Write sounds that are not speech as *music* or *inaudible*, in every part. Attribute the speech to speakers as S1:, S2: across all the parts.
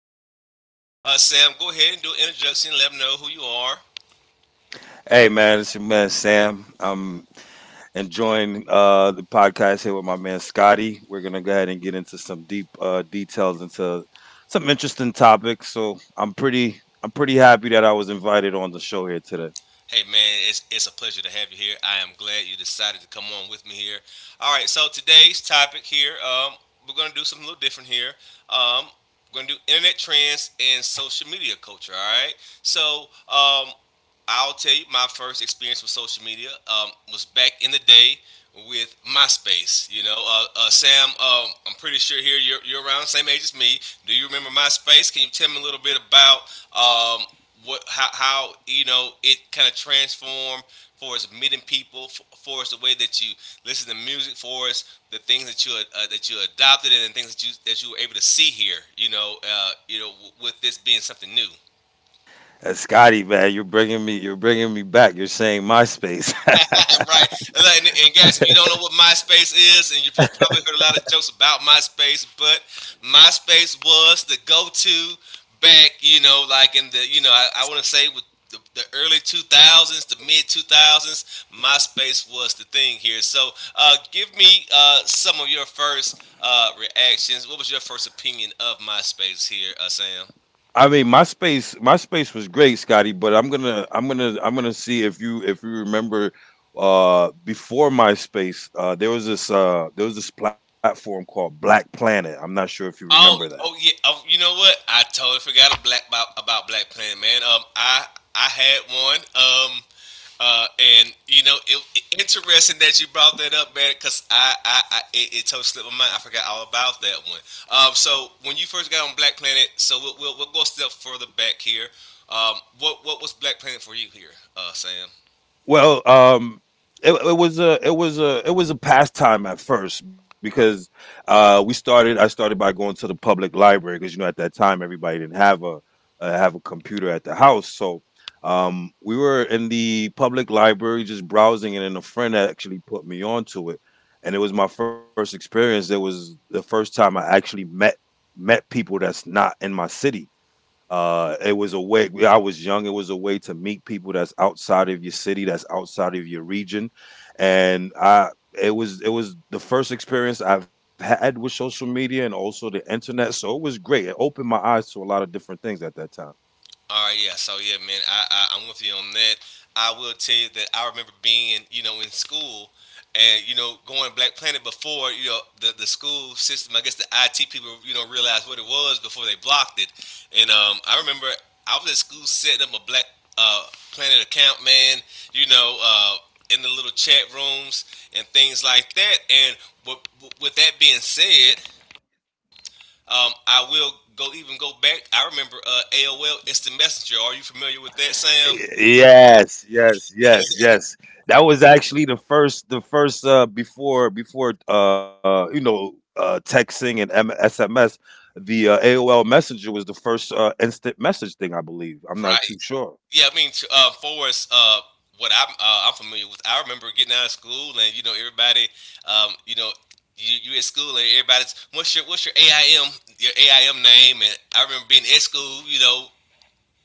S1: am here. Sam, go ahead and do an introduction. Let them know who you are.
S2: Hey man, it's your man Sam. I'm enjoying the podcast here with my man Scotty. We're gonna go ahead and get into some deep details into some interesting topics. So I'm pretty happy that I was invited on the show here today.
S1: Hey, man, it's a pleasure to have you here. I am glad you decided to come on with me here. All right, so today's topic here, we're going to do something a little different here. Um, we're going to do internet trends and social media culture. All right, so I'll tell you, my first experience with social media was back in the day with MySpace. You know, Sam, I'm pretty sure here you're around the same age as me. Do you remember MySpace? Can you tell me a little bit about um, what how you know it kind of transformed for us meeting people, for us the way that you listen to music, for us the things that you adopted and the things that you were able to see here. You know, with this being something new.
S2: And Scotty, man, you're bringing me back. You're saying MySpace. *laughs*
S1: *laughs* Right. And, like- and guys, if you don't know what MySpace is, and you've probably heard a lot of jokes about MySpace, but MySpace was the go-to back, you know, like in the, you know, I want to say with the early 2000s, the mid 2000s, MySpace was the thing here. So give me some of your first reactions. What was your first opinion of MySpace here, Sam?
S2: I mean, MySpace was great, Scotty. But I'm gonna see if you remember, before MySpace, there was there was this platform called Black Planet. I'm not sure if you remember
S1: Oh,
S2: that.
S1: oh yeah. Oh, you know what? I totally forgot black about Black Planet, man. I had one. And you know, interesting that you brought that up, man, because it totally slipped my mind. I forgot all about that one. So when you first got on Black Planet, so we'll go a step further back here. What was Black Planet for you here, Sam?
S2: Well, it was a pastime at first because we started. I started by going to the public library because you know at that time everybody didn't have a computer at the house, so we were in the public library just browsing, and then a friend actually put me onto it, and it was my first experience. It was the first time I actually met people that's not in my city. It was a way. I was young. It was a way to meet people that's outside of your city, that's outside of your region, and I. It was the first experience I've had with social media and also the internet, so it was great. It opened my eyes to a lot of different things at that time.
S1: All right, yeah. So yeah, man, I'm with you on that. I will tell you that I remember being, you know, in school and you know going Black Planet before you know the school system. I guess the IT people you know realized what it was before they blocked it. And I remember I was at school setting up a Black uh, Planet account, man. You know, in the little chat rooms and things like that. And with, with that being said, I will go even go back. I remember AOL Instant Messenger. Are you familiar with that, Sam?
S2: Yes, yes, yes,
S1: *laughs*
S2: yes. That was actually the first before texting and SMS. The AOL Messenger was the first instant message thing, I believe.
S1: Right.
S2: I'm not too
S1: Yeah,
S2: sure.
S1: I mean, for us, what I'm familiar with, I remember getting out of school and you know everybody, you know, you at school and everybody's what's your AIM your AIM name, and I remember being at school, you know,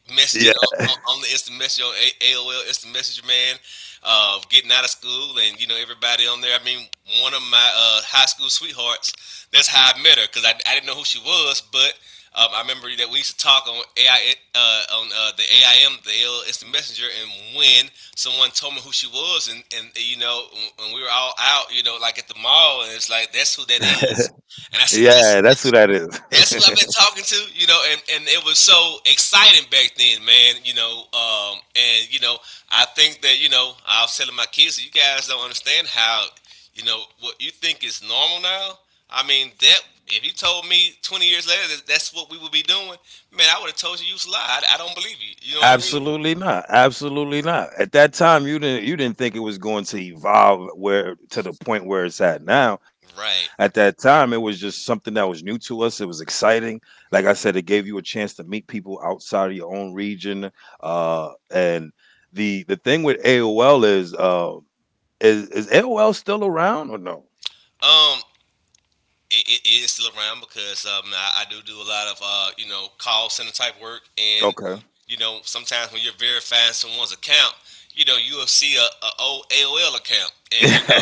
S1: messaging on,
S2: Yeah,
S1: on, on the instant message on AOL instant messenger, man, of getting out of school and you know everybody on there. I mean, one of my high school sweethearts, that's how I met her because I didn't know who she was, but I remember that we used to talk on AI uh, on uh, the AIM the AOL instant messenger, and when someone told me who she was, and you know when we were all out, you know, like at the mall, and it's like, that's who that is.
S2: *laughs*
S1: And I said,
S2: yeah, that's who that
S1: that's who I've been
S2: is. *laughs*
S1: talking to. You know, and it was so exciting back then, man. You know, and you know, I think that you know, I was telling my kids, you guys don't understand how, you know, what you think is normal now. I mean, that if you told me 20 years later that that's what we would be doing, man, I would have told you, you was a lie. I don't believe you. You know what I mean?
S2: Absolutely not. Absolutely not. At that time, you didn't think it was going to evolve where to the point where it's at now. At
S1: Right.
S2: that time, it was just something that was new to us. It was exciting. Like I said, it gave you a chance to meet people outside of your own region. And The thing with AOL is is AOL still around or no?
S1: Um, it it is still around because I do do a lot of you know, call center type work, and
S2: Okay.
S1: you know sometimes when you're verifying someone's account, you know you'll see a old AOL account, and you know,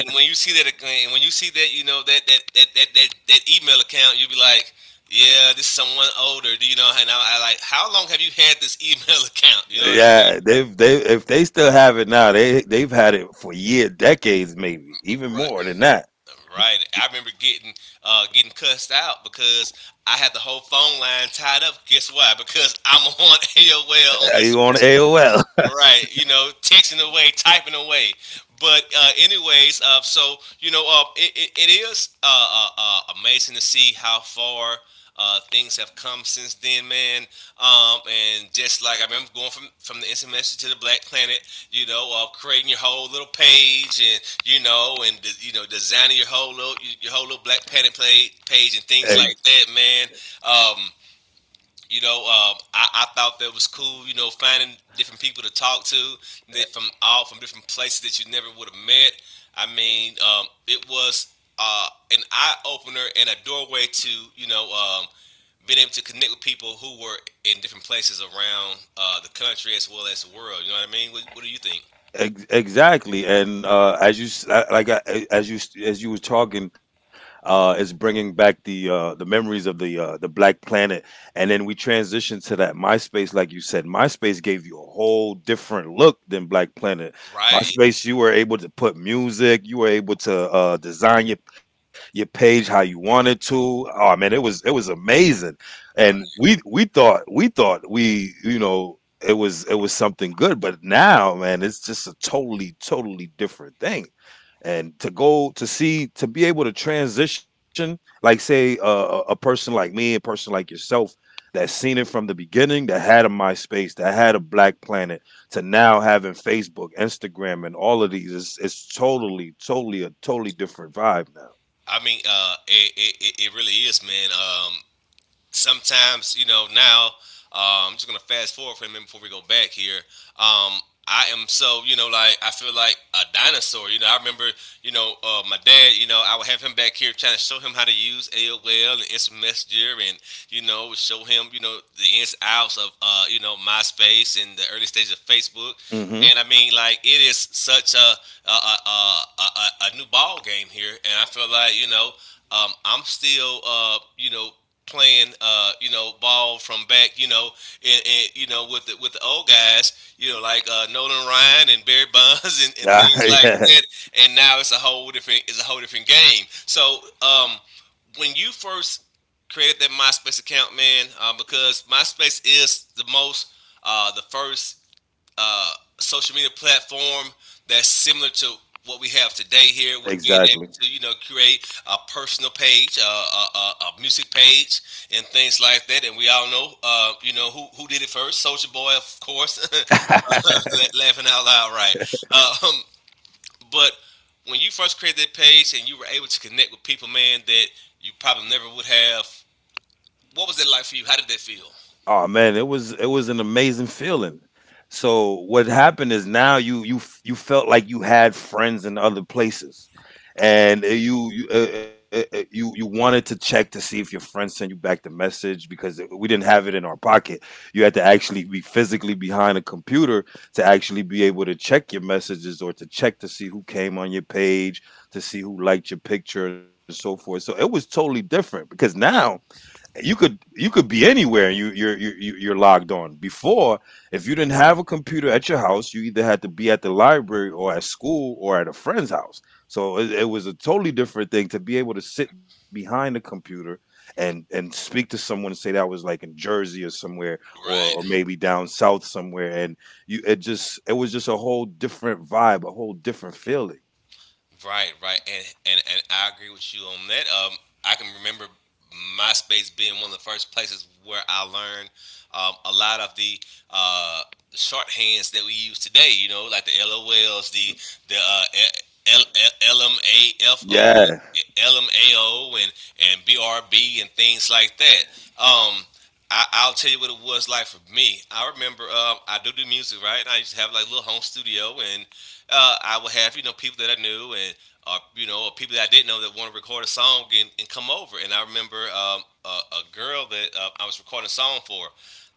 S1: and when you see that, ac- and when you see that, you know that email account, you'll be like, yeah, this is someone older. Do you know? And I like, how long have you had this *laughs* email account? You know what I mean?
S2: Yeah, they if they still have it now, they've had it for year, decades, maybe even more
S1: Right.
S2: than that. Be-
S1: Right. I remember getting getting cussed out because I had the whole phone line tied up. Guess why? Because I'm on *laughs* AOL on
S2: Are you on
S1: SMS.
S2: AOL?
S1: Right, you know, texting away, typing away. But anyways, so you know, it is amazing to see how far things have come since then, man. And just like I remember going from the instant message to the Black Planet, you know, creating your whole little page, and you know, and you know, designing your whole little Black Planet page and
S2: *laughs*
S1: things like that, man. Um, you know, I thought that was cool. You know, finding different people to talk to that from all from different places that you never would have met. I mean, it was an eye opener and a doorway to you know being able to connect with people who were in different places around the country as well as the world. You know what I mean? What do you think?
S2: Exactly, and as as you were talking, it's bringing back the memories of the Black Planet, and then we transitioned to that MySpace, like you said. MySpace gave you a whole different look than Black Planet.
S1: Right.
S2: MySpace, you were able to put music, you were able to design your page how you wanted to. Oh man, it was amazing, and
S1: Right.
S2: we thought we you know it was something good, but now man it's just a totally different thing, and to be able to transition, like say a person like me, a person like yourself that seen it from the beginning, that had a MySpace, that had a Black Planet to now having Facebook, Instagram, and all of these. It's totally different vibe now.
S1: I mean, it really is, man. Sometimes you know now I'm just gonna fast forward for a minute before we go back here. Um, I am so you know, like I feel like a dinosaur. You know I remember you know my dad. You know I would have him back here trying to show him how to use AOL and Instant Messenger and you know show him you know the ins and outs of you know MySpace and the early stages of Facebook.
S2: Hmm.
S1: And I mean, like it is such a new ball game here, and I feel like you know I'm still you know playing you know ball from back you know and you know with with the old guys, you know, like Nolan Ryan and Barry Bonds, *laughs*
S2: *laughs*
S1: and things like
S2: Yeah,
S1: that, and now it's a whole different game. So when you first created that MySpace account, man, because MySpace is the most the first uh, social media platform that's similar to what we have today here, with being able
S2: exactly.
S1: to you know create a personal page, a music page, and things like that. And we all know, you know, who did it first? Soldier Boy, of course. *laughs*
S2: *laughs*
S1: Laughing out loud, right? Um, but when you first created that page and you were able to connect with people, man, that you probably never would have. What was it like for you? How did that feel?
S2: Oh man, it was an amazing feeling. So what happened is now you felt like you had friends in other places, and you wanted to check to see if your friends send you back the message, because we didn't have it in our pocket. You had to actually be physically behind a computer to actually be able to check your messages or to check to see who came on your page, to see who liked your picture and so forth. So it was totally different, because now
S1: Right.
S2: you could be anywhere and you're logged on. Before, if you didn't have a computer at your house, you either had to be at the library or at school or at a friend's house. So it was a totally different thing to be able to sit behind a computer and speak to someone, say, that was like in Jersey or somewhere or
S1: Right,
S2: maybe down south somewhere. And you, it just it was just a whole different vibe, a whole different feeling.
S1: right, and and I agree with you on that. I can remember MySpace being one of the first places where I learned a lot of the uh, shorthands that we use today. You know, like the LOLs, the LMAFO,
S2: Yeah,
S1: LMAO, and BRB, and things like that. Um, I'll tell you what it was like for me. I remember I do do music, right? And I used to have like a little home studio, and I would have you know people that I knew and or you know or people that I didn't know that want to record a song and come over. And I remember a girl that I was recording a song for.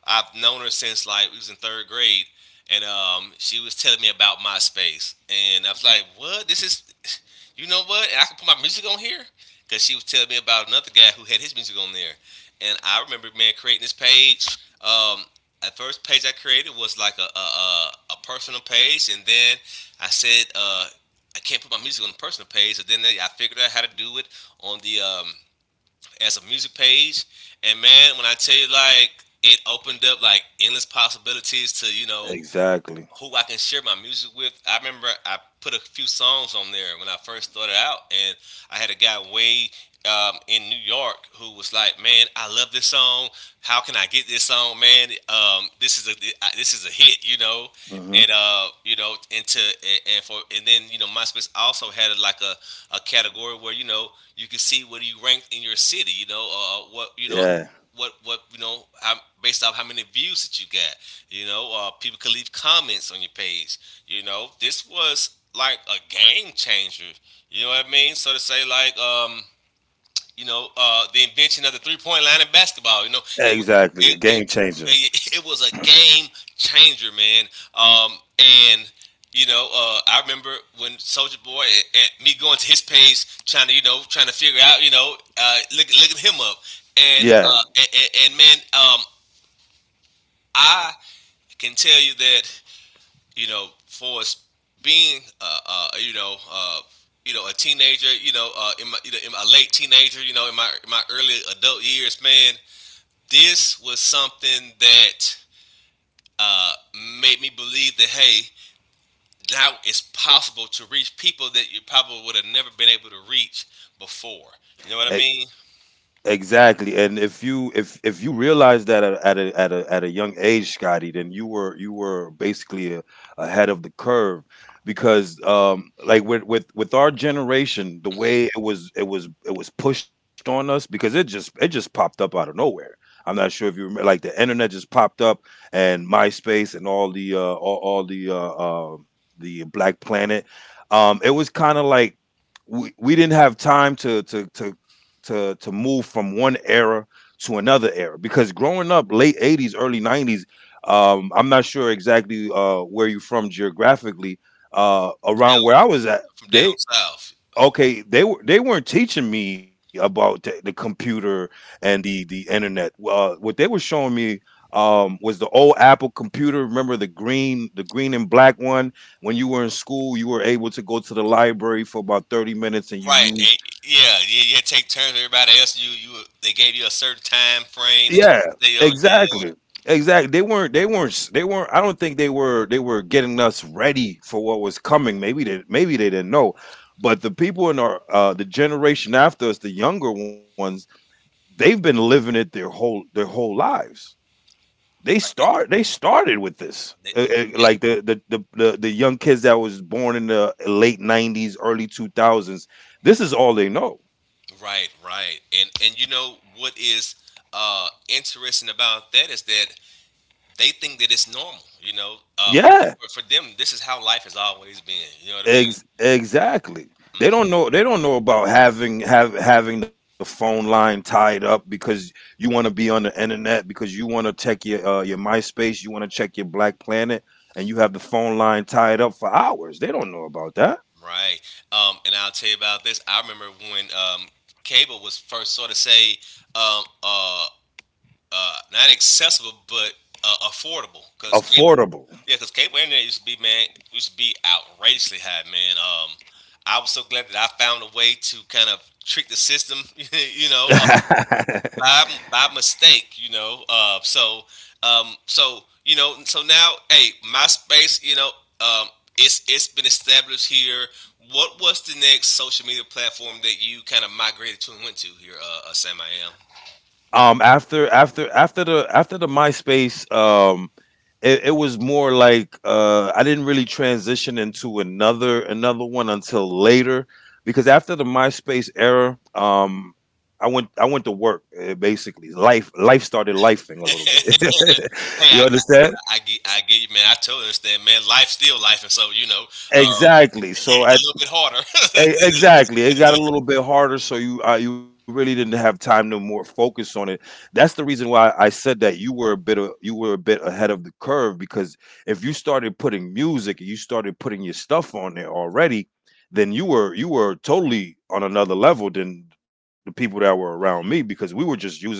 S1: I've known her since like we was in third grade, and she was telling me about MySpace, and I was like, "What? This is, you know what? And I can put my music on here." Because she was telling me about another guy who had his music on there, and I remember man creating this page. Um, at first page I created was like a personal page, and then I said I can't put my music on the personal page, so then they, I figured out how to do it on the as a music page. And man, when I tell you like it opened up like endless possibilities to you know
S2: exactly.
S1: who I can share my music with. I remember I put a few songs on there when I first started out, and I had a guy way in New York who was like, "Man, I love this song. How can I get this song, man? This is a this is a hit, you know."" And
S2: Hmm.
S1: uh, you know, into and for and then you know, MySpace also had a, like a category where you could see where you ranked in your city, what
S2: Yeah,
S1: what based off how many views that you got. People could leave comments on your page. You know, this was like a game changer. You know what I mean? So to say, like, the invention of the 3-point line in basketball. You know, it
S2: exactly. A
S1: it,
S2: game changer.
S1: it was a game changer, man. Um, and I remember when Soldier Boy and me going to his page, trying to trying to figure out, looking him up, and
S2: Yeah,
S1: uh, and, and, and man, I can tell you that for us being, a teenager, in my, in my late teenager, in my early adult years, man, this was something that uh, made me believe that hey, now it's possible to reach people that you probably would have never been able to reach before. You know what I mean?
S2: e- exactly. And if you if you realize that at a young age, Scotty, then you were basically ahead of the curve. Because um, like, with with our generation, the
S1: Hmm.
S2: way it was, it was pushed on us, because it just popped up out of nowhere. I'm not sure if you remember, like the internet just popped up, and MySpace and all the uh the Black Planet. It was kind of like we didn't have time to move from one era to another era. Because growing up late 80s, early 90s, um, I'm not sure exactly where you're from geographically, around where
S1: Down,
S2: I was at,
S1: from down
S2: they
S1: south.
S2: okay, they weren't teaching me about the computer and the internet. What they were showing me was the old Apple computer. Remember the green and black one? When you were in school, you were able to go to the library for about 30 minutes and you
S1: Right.
S2: used.
S1: Yeah. Yeah. Yeah. Take turns with everybody else. You they gave you a certain time frame that
S2: Yeah,
S1: you stay on. Yeah.
S2: exactly, exactly. They weren't s- they weren't. I don't think they were getting us ready for what was coming. Maybe they didn't know. But the people in our the generation after us, the younger ones, they've been living it their whole lives.
S1: Right.
S2: They started with this.
S1: Th- Yeah,
S2: The young kids that was born in the late 90s, early 2000s, this is all they know.
S1: right, right. And you know what is interesting about that is that they think that it's normal, you know.
S2: Yeah,
S1: For them this is how life has always been, you know what I mean?
S2: exactly. They don't know about having the phone line tied up, because you want to be on the internet, because you want to check your MySpace, you want to check your Black Planet, and you have the phone line tied up for hours. They don't know about that.
S1: Right. And I'll tell you about this. I remember when cable was first sort of say um uh not accessible but affordable, cuz cable,
S2: Affordable.
S1: yeah, because cable internet used to be, man, used to be outrageously high, man. I was so glad that I found a way to kind of trick the system, *laughs*
S2: *laughs*
S1: by by mistake, you know. So you know, so now, hey, MySpace, um, it's been established here. What was the next social media platform that you kind of migrated to and went to here, Sam? I am.
S2: After the MySpace, um, it was more like I didn't really transition into another one until later, because after the MySpace era, um, I went to work. Basically life started lifing a
S1: *laughs*
S2: little
S1: Hey,
S2: bit. *laughs* You
S1: I,
S2: understand.
S1: I get you, man. I totally understand, man. Life still life, and so you know, uh,
S2: Exactly,
S1: yeah,
S2: so
S1: a little bit harder.
S2: Exactly, it got a little bit harder, so you, you really didn't have time to more focus on it. That's the reason why I said that you were a bit ahead of the curve, because if you started putting music and you started putting your stuff on there already, then you were totally on another level than the people that were around me, because we were just using it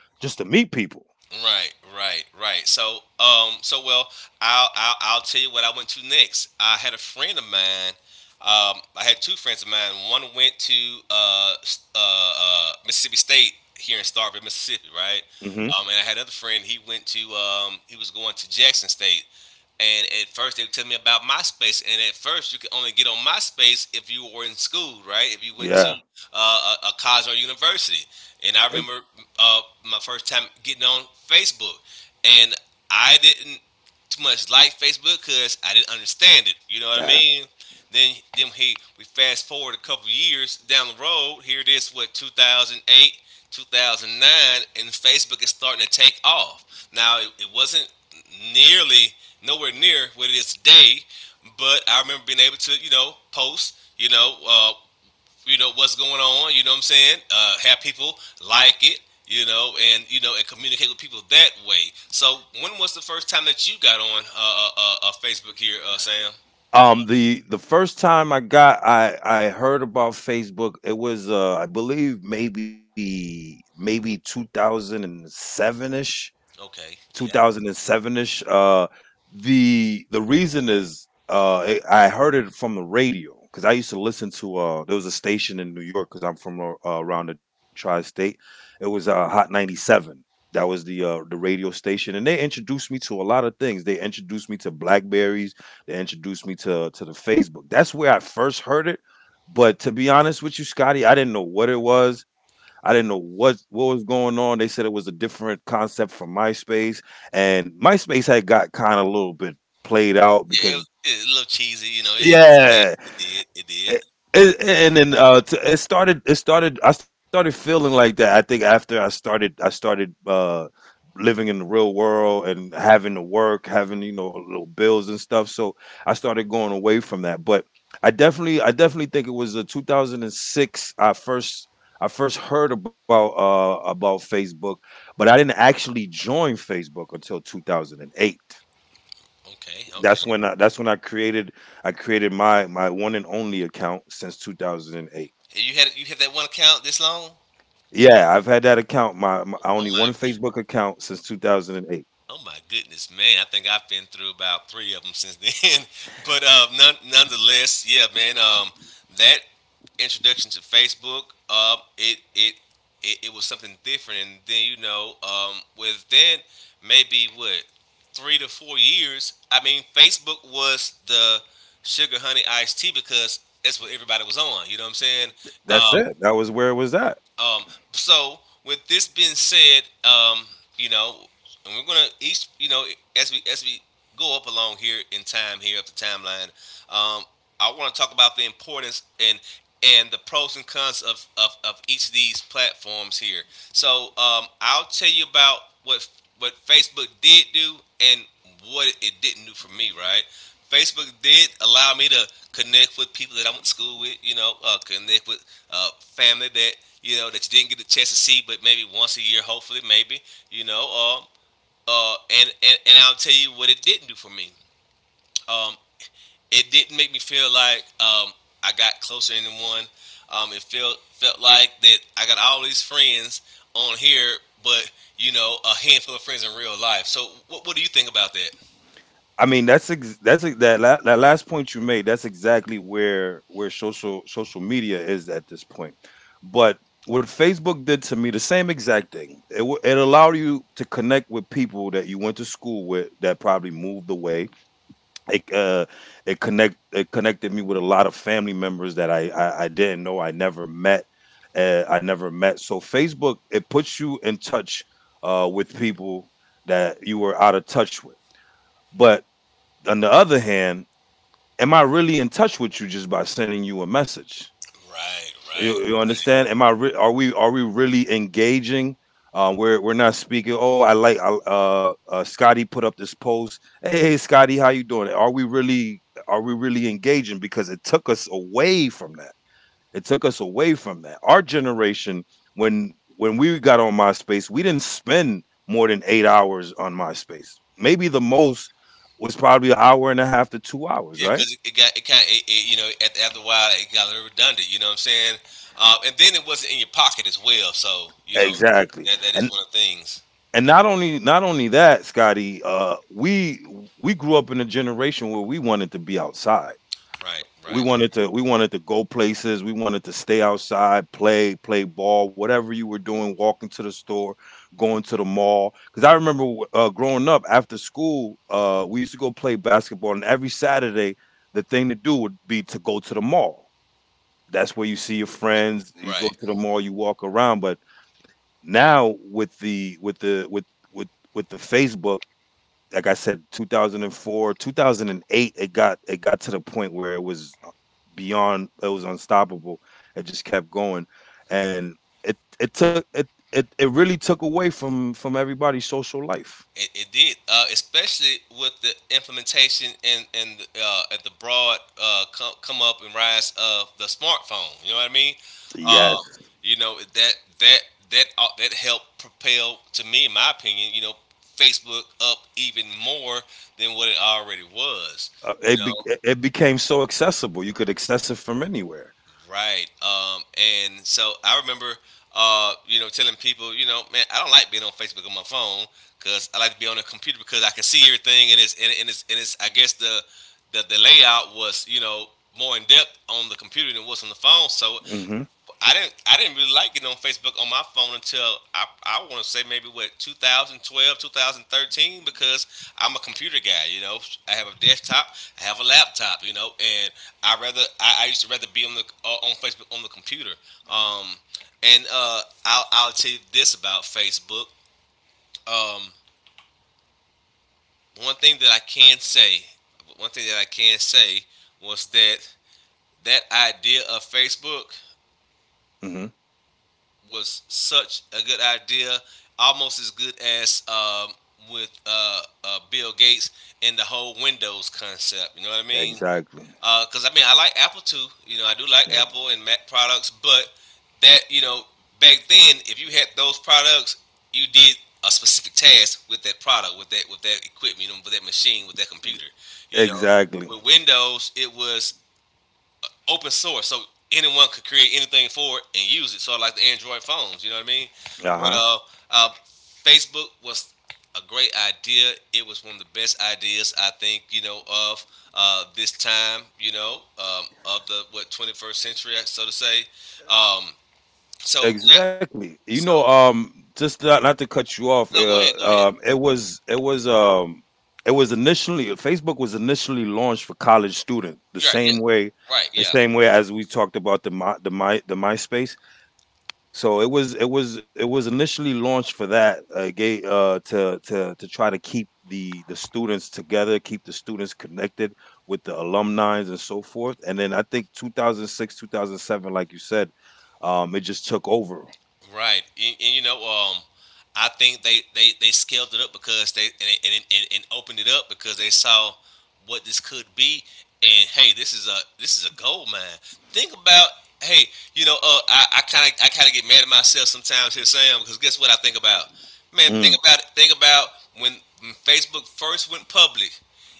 S2: just to meet people.
S1: *laughs* Right, right, right. So, so well, I'll tell you what I went to next. I had a friend of mine. I had two friends of mine. One went to Mississippi State here in Starkville, Mississippi, right?
S2: Hmm.
S1: And I had another friend. He went to he was going to Jackson State. And at first they would tell me about MySpace, and at first you could only get on MySpace if you were in school, right? If you went to
S2: Yeah,
S1: a college or university.
S2: E-
S1: And I remember uh, my first time getting on Facebook, and I didn't too much like Facebook because I didn't understand it. You know what I
S2: uh,
S1: mean? Then, then he we fast forward a couple years down the road. Here it is, what, 2008, 2009, and Facebook is starting to take off. It wasn't nearly nowhere near what it is today, but I remember being able to post what's going on. You know what I'm saying? Have people like it. You know, and communicate with people that way. So, when was the first time that you got on Facebook here, Sam?
S2: The first time I heard about Facebook, it was I believe maybe 2007ish,
S1: Okay, yeah,
S2: 2007ish. The reason is I heard it from the radio, because I used to listen to there was a station in New York because I'm from around the tri-state. It was Hot 97. That was the radio station, and they introduced me to a lot of things. They introduced me to Blackberries. They introduced me to the Facebook. That's where I first heard it. But to be honest with you, Scotty, I didn't know what it was. I didn't know what was going on. They said it was a different concept from MySpace, and MySpace had got kind of a little bit played out.
S1: yeah, it,
S2: Because
S1: it a little cheesy, you know. It,
S2: yeah,
S1: it did, it did, it did.
S2: it, and then it started, I started feeling like that, I think, after I started living in the real world and having to work, having you know little bills and stuff. So I started going away from that, but I definitely think it was 2006 I first heard about Facebook, but I didn't actually join Facebook until 2008.
S1: Okay, okay.
S2: That's when I created my one and only account since 2008.
S1: You had that one account this long?
S2: Yeah, I've had that account my, my I
S1: Oh
S2: only
S1: my.
S2: one Facebook account since 2008.
S1: Oh my goodness, man! I think I've been through about three of them since then. *laughs* But none, nonetheless, yeah, man. That introduction to Facebook, um, it, it it was something different. And then you know, within maybe what 3 to 4 years, I mean, Facebook was the sugar honey iced tea because that's what everybody was on. You know what I'm saying? Um,
S2: That's it. That was where it was at.
S1: um, so with this being said, you know, and we're gonna each, you know, as we go up along here in time here up the timeline, um, I want to talk about the importance and the pros and cons of of each of these platforms here. So I'll tell you about what what Facebook did do and what it didn't do for me, right? Facebook did allow me to connect with people that I went to school with, connect with family that you know that you didn't get the chance to see, but maybe once a year, hopefully, maybe, you know. Um, uh, and I'll tell you what it didn't do for me. Um, it didn't make me feel like I got closer to anyone. It felt like that I got all these friends on here, but you know, a handful of friends in real life. So, what do you think about that?
S2: I mean, that last point you made. That's exactly where social media is at this point. But what Facebook did to me, the same exact thing. It it allowed you to connect with people that you went to school with that probably moved away. It uh it connect it connected me with a lot of family members that I didn't know, I never met. I never met. So Facebook, it puts you in touch with people that you were out of touch with. But on the other hand, am I really in touch with you just by sending you a message?
S1: Right, right.
S2: You understand? Am I? Are we? Are we really engaging? We're not speaking. Oh, I like. Scotty put up this post. Hey, Scotty, how you doing? Are we really? Are we really engaging? Because it took us away from that. It took us away from that. Our generation, when we got on MySpace, we didn't spend more than 8 hours on MySpace. Maybe the most was probably an hour and a half to 2 hours,
S1: Yeah,
S2: right?
S1: because it got it kind of you know, after a while it got a little redundant. You know what I'm saying? And then it wasn't in your pocket as well. So you know
S2: Exactly.
S1: that
S2: And
S1: is one of the things.
S2: and not only that, Scotty, we grew up in a generation where we wanted to be outside.
S1: Right,
S2: We
S1: right,
S2: wanted to we wanted to go places. We wanted to stay outside, play ball, whatever you were doing, walking to the store, going to the mall. Because I remember growing up after school, we used to go play basketball, and every Saturday the thing to do would be to go to the mall. That's where you see your friends. You go
S1: right.
S2: to the mall, you walk around. But now with with the Facebook, like I said, 2004, 2008, it got to the point where it was beyond, it was unstoppable. It just kept going, and it really took away from everybody's social life.
S1: It did, especially with the implementation and at the broad come up and rise of the smartphone. You know what I mean? Uh,
S2: Yes.
S1: that that that helped propel, to me, in my opinion, you know, Facebook up even more than what it already was.
S2: Uh,
S1: You know?
S2: it be, it became so accessible. You could access it from anywhere.
S1: Right. And so I remember, telling people, you know, man, I don't like being on Facebook on my phone because I like to be on the computer because I can see everything, and it's and it's, I guess, the, the layout was you know more in depth on the computer than it was on the phone. So
S2: Mhm.
S1: I didn't really like it on Facebook on my phone until I want to say maybe what 2012, 2013, because I'm a computer guy, you know, I have a desktop, I have a laptop, you know, and I used to rather be on the on Facebook on the computer. Um and I'll tell you this about Facebook. um one thing that I can say One thing that I can say was that that idea of Facebook
S2: Mhm.
S1: was such a good idea, almost as good as with Bill Gates and the whole Windows concept. You know what I mean?
S2: Exactly.
S1: Because I mean, I like Apple too. You know, I do like
S2: Yeah.
S1: Apple and Mac products, but that you know, back then, if you had those products, you did a specific task with that product, with that equipment, you know, with that machine, with that computer. You know,
S2: Exactly.
S1: with Windows, it was open source, so anyone could create anything for it and use it. Sort of like the Android phones, you know what I mean? But
S2: Uh-huh.
S1: uh, Facebook was a great idea. It was one of the best ideas I think you know of this time. You know of the what 21st century, so to say. Um, so now,
S2: Exactly. You
S1: so
S2: know, just not to cut you off,
S1: no, go ahead, go ahead.
S2: it was it was it was initially Facebook was initially launched for college student the
S1: You're right, yeah,
S2: same way,
S1: right, yeah.
S2: as we talked about the MySpace. So it was initially launched for that, to try to keep the students together, keep the students connected with the alumni and so forth. And then I think 2006, 2007, like you said, it just took over.
S1: Right, and you know, I think they scaled it up because they and opened it up because they saw what this could be, and hey, this is a gold mine. Think about hey, you know, I kind of get mad at myself sometimes here, Sam, because guess what I think about? Man,
S2: Mm.
S1: think about it. Think about when, when Facebook first went public.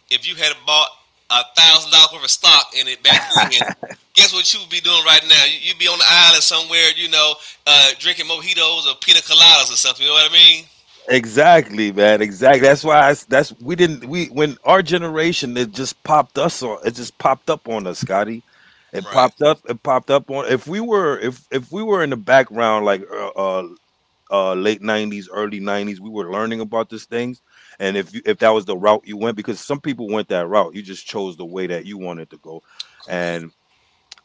S1: If you had bought $1,000 worth of stock in it back then, guess what you would be doing right now? You- would be on the island somewhere, you know, drinking mojitos or pina coladas or something. You know what I mean?
S2: Exactly, man. Exactly. That's why I s that's we didn't we when our generation, it just popped up on us, Scotty. It
S1: Right.
S2: popped up. It popped up on. If we were in the background like late 90s, early 90s, we were learning about these things. And if that was the route you went, because some people went that route, you just chose the way that you wanted to go.
S1: Correct.
S2: And.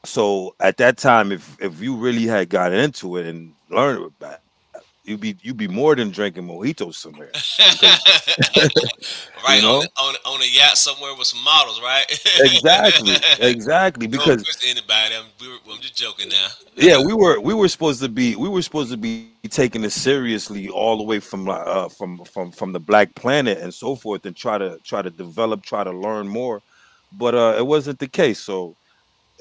S2: So at that time, if you really had gotten into it and learned about it, you'd be, more than drinking mojitos somewhere, because, you
S1: Right,
S2: know,
S1: on a, on a yacht somewhere with some models, right?
S2: exactly, exactly,
S1: *laughs* No
S2: because,
S1: offense to anybody. I'm just joking now.
S2: yeah, we were supposed to be, taking it seriously all the way from from the black planet and so forth, and try to, develop, try to learn more. But it wasn't the case. So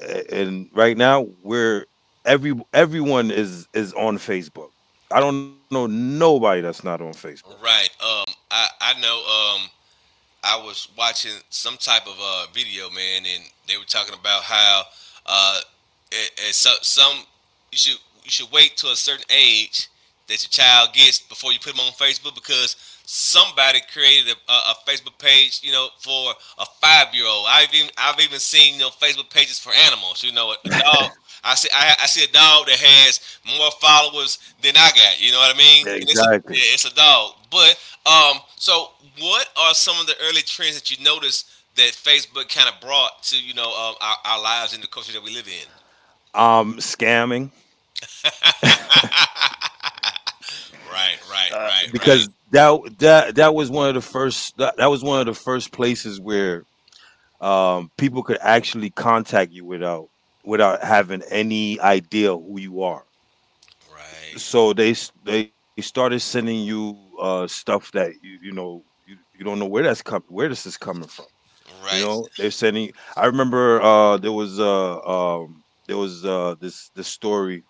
S2: And right now we're, everyone is on Facebook. I don't know nobody that's not on Facebook.
S1: Right. I know. Um. I was watching some type of video, man, and they were talking about how uh, it, it's so, some you should you should wait to a certain age that your child gets before you put them on Facebook because somebody created Facebook page, you know, for a 5 year old. I've even seen, you know, Facebook pages for animals. You know, a dog. I see a dog that has more followers than I got. You know what I mean? And it's a,
S2: Exactly.
S1: yeah, it's a dog. But so what are some of the early trends that you noticed that Facebook kind of brought to, our lives and the culture that we live in?
S2: Scamming,
S1: Right, right, right,
S2: because
S1: right,
S2: that was one of the first, that was one of the first places where people could actually contact you without, without having any idea who you are.
S1: right,
S2: So they started sending you stuff that you don't know where where this is coming from. You
S1: right.
S2: know, they're sending. I remember, there was, there was, this story.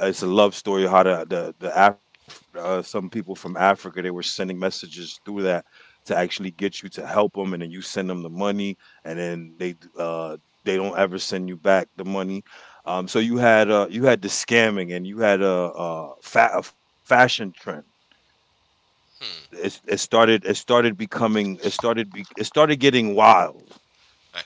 S2: It's a love story. How the, some people from Africa, they were sending messages through that to actually get you to help them, and then you send them the money, and then they don't ever send you back the money. So you had, you had the scamming, and you had a fashion trend. It, it started becoming it started be- it started getting wild,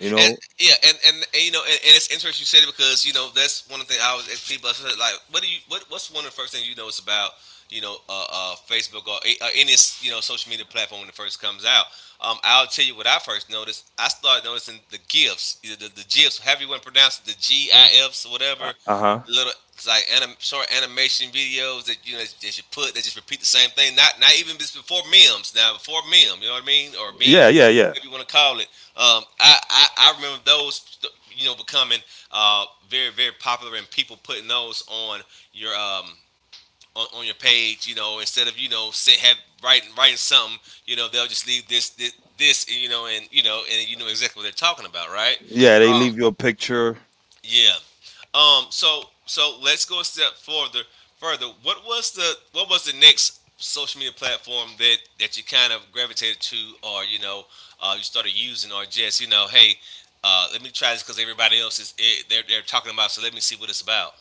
S2: you
S1: And
S2: know.
S1: yeah, and it's interesting you said it because, you know, that's one of the things I was at people I said, like, what do you, what's one of the first things you notice about, you know, Facebook, or or any, you know, social media platform when it first comes out? I'll tell you what I first noticed. I started noticing the gifs, either the gifs, however you want to pronounce it, the GIFs or
S2: Uh
S1: whatever.
S2: huh.
S1: The little, it's like short animation videos that, you know, that you put that just repeat the same thing. Not even just before memes. Now before meme, you know what I mean, or
S2: Yeah,
S1: meme,
S2: yeah, yeah,
S1: whatever you want to call it. I remember those, you know, becoming very popular and people putting those on your on your page. You know, instead of, you know, writing something, you know, they'll just leave this, you know, and you know, and you know exactly what they're talking about, right?
S2: yeah. They
S1: Um,
S2: leave you a picture.
S1: yeah. So let's go a step further. Further. What was the, what was the next social media platform that you kind of gravitated to, or, you know, you started using, or just, you know, hey, let me try this because everybody else is it, they're talking about. So let me see what it's about.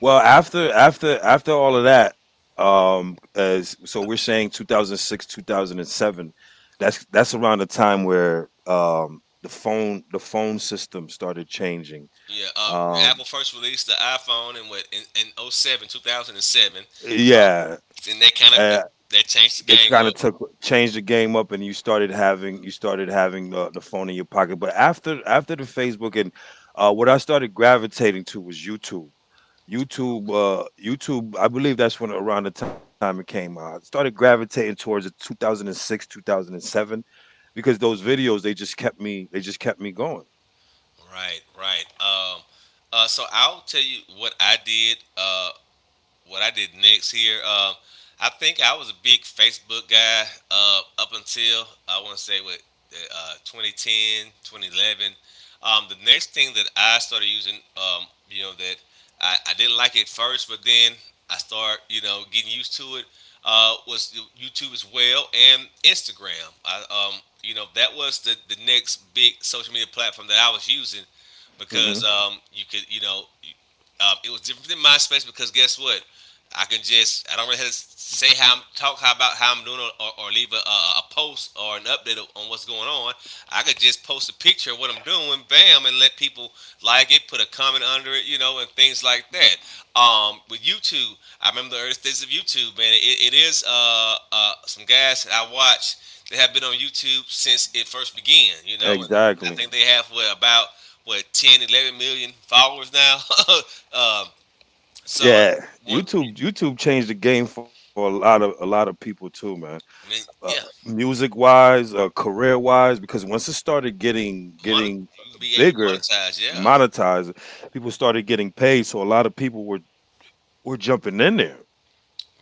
S2: Well, after all of that, as so we're saying, 2006, 2007. That's around the time where the phone system started changing.
S1: Yeah. Apple
S2: Um,
S1: first released the iPhone in what in oh 07, 2007, Uh,
S2: yeah,
S1: and that
S2: uh,
S1: kind of that
S2: they
S1: changed the
S2: kind of
S1: game
S2: took,
S1: up.
S2: changed the game up, and you started having the phone in your pocket. But after the Facebook, and what I started gravitating to was YouTube. YouTube,
S1: Okay.
S2: YouTube, I believe that's when, around the time it came out. It started gravitating towards the 2006, 2007, because those videos, they just kept me going.
S1: Right, right. So I'll tell you what I did. What I did next here. I think I was a big Facebook guy up until I want to say what, 2010, 2011. The next thing that I started using, you know, that I didn't like it first, but then I start, you know, getting used to it, was YouTube as well and Instagram. You know, that was the next big social media platform that I was using
S2: Hmm.
S1: because, you could, it was different than MySpace because guess what? I can just I don't really have to say how I'm talk how about how I'm doing, or leave a post or an update on what's going on. I could just post a picture of what I'm doing, bam, and let people like it, put a comment under it, you know, and things like that. With YouTube, I remember the early days of YouTube, man. It is some guys that I watch that have been on YouTube since it first began, you know, and I
S2: Exactly.
S1: think they have, what, about what, ten, 11 million followers now. *laughs* um, so
S2: Yeah,
S1: one,
S2: YouTube, YouTube changed the game for a lot of, people too, man.
S1: I mean,
S2: uh,
S1: yeah,
S2: Music wise, career wise, because once it started
S1: mon-
S2: getting
S1: you be able to
S2: bigger,
S1: monetize. Yeah,
S2: monetized, people started getting paid, so a lot of people were, jumping in there.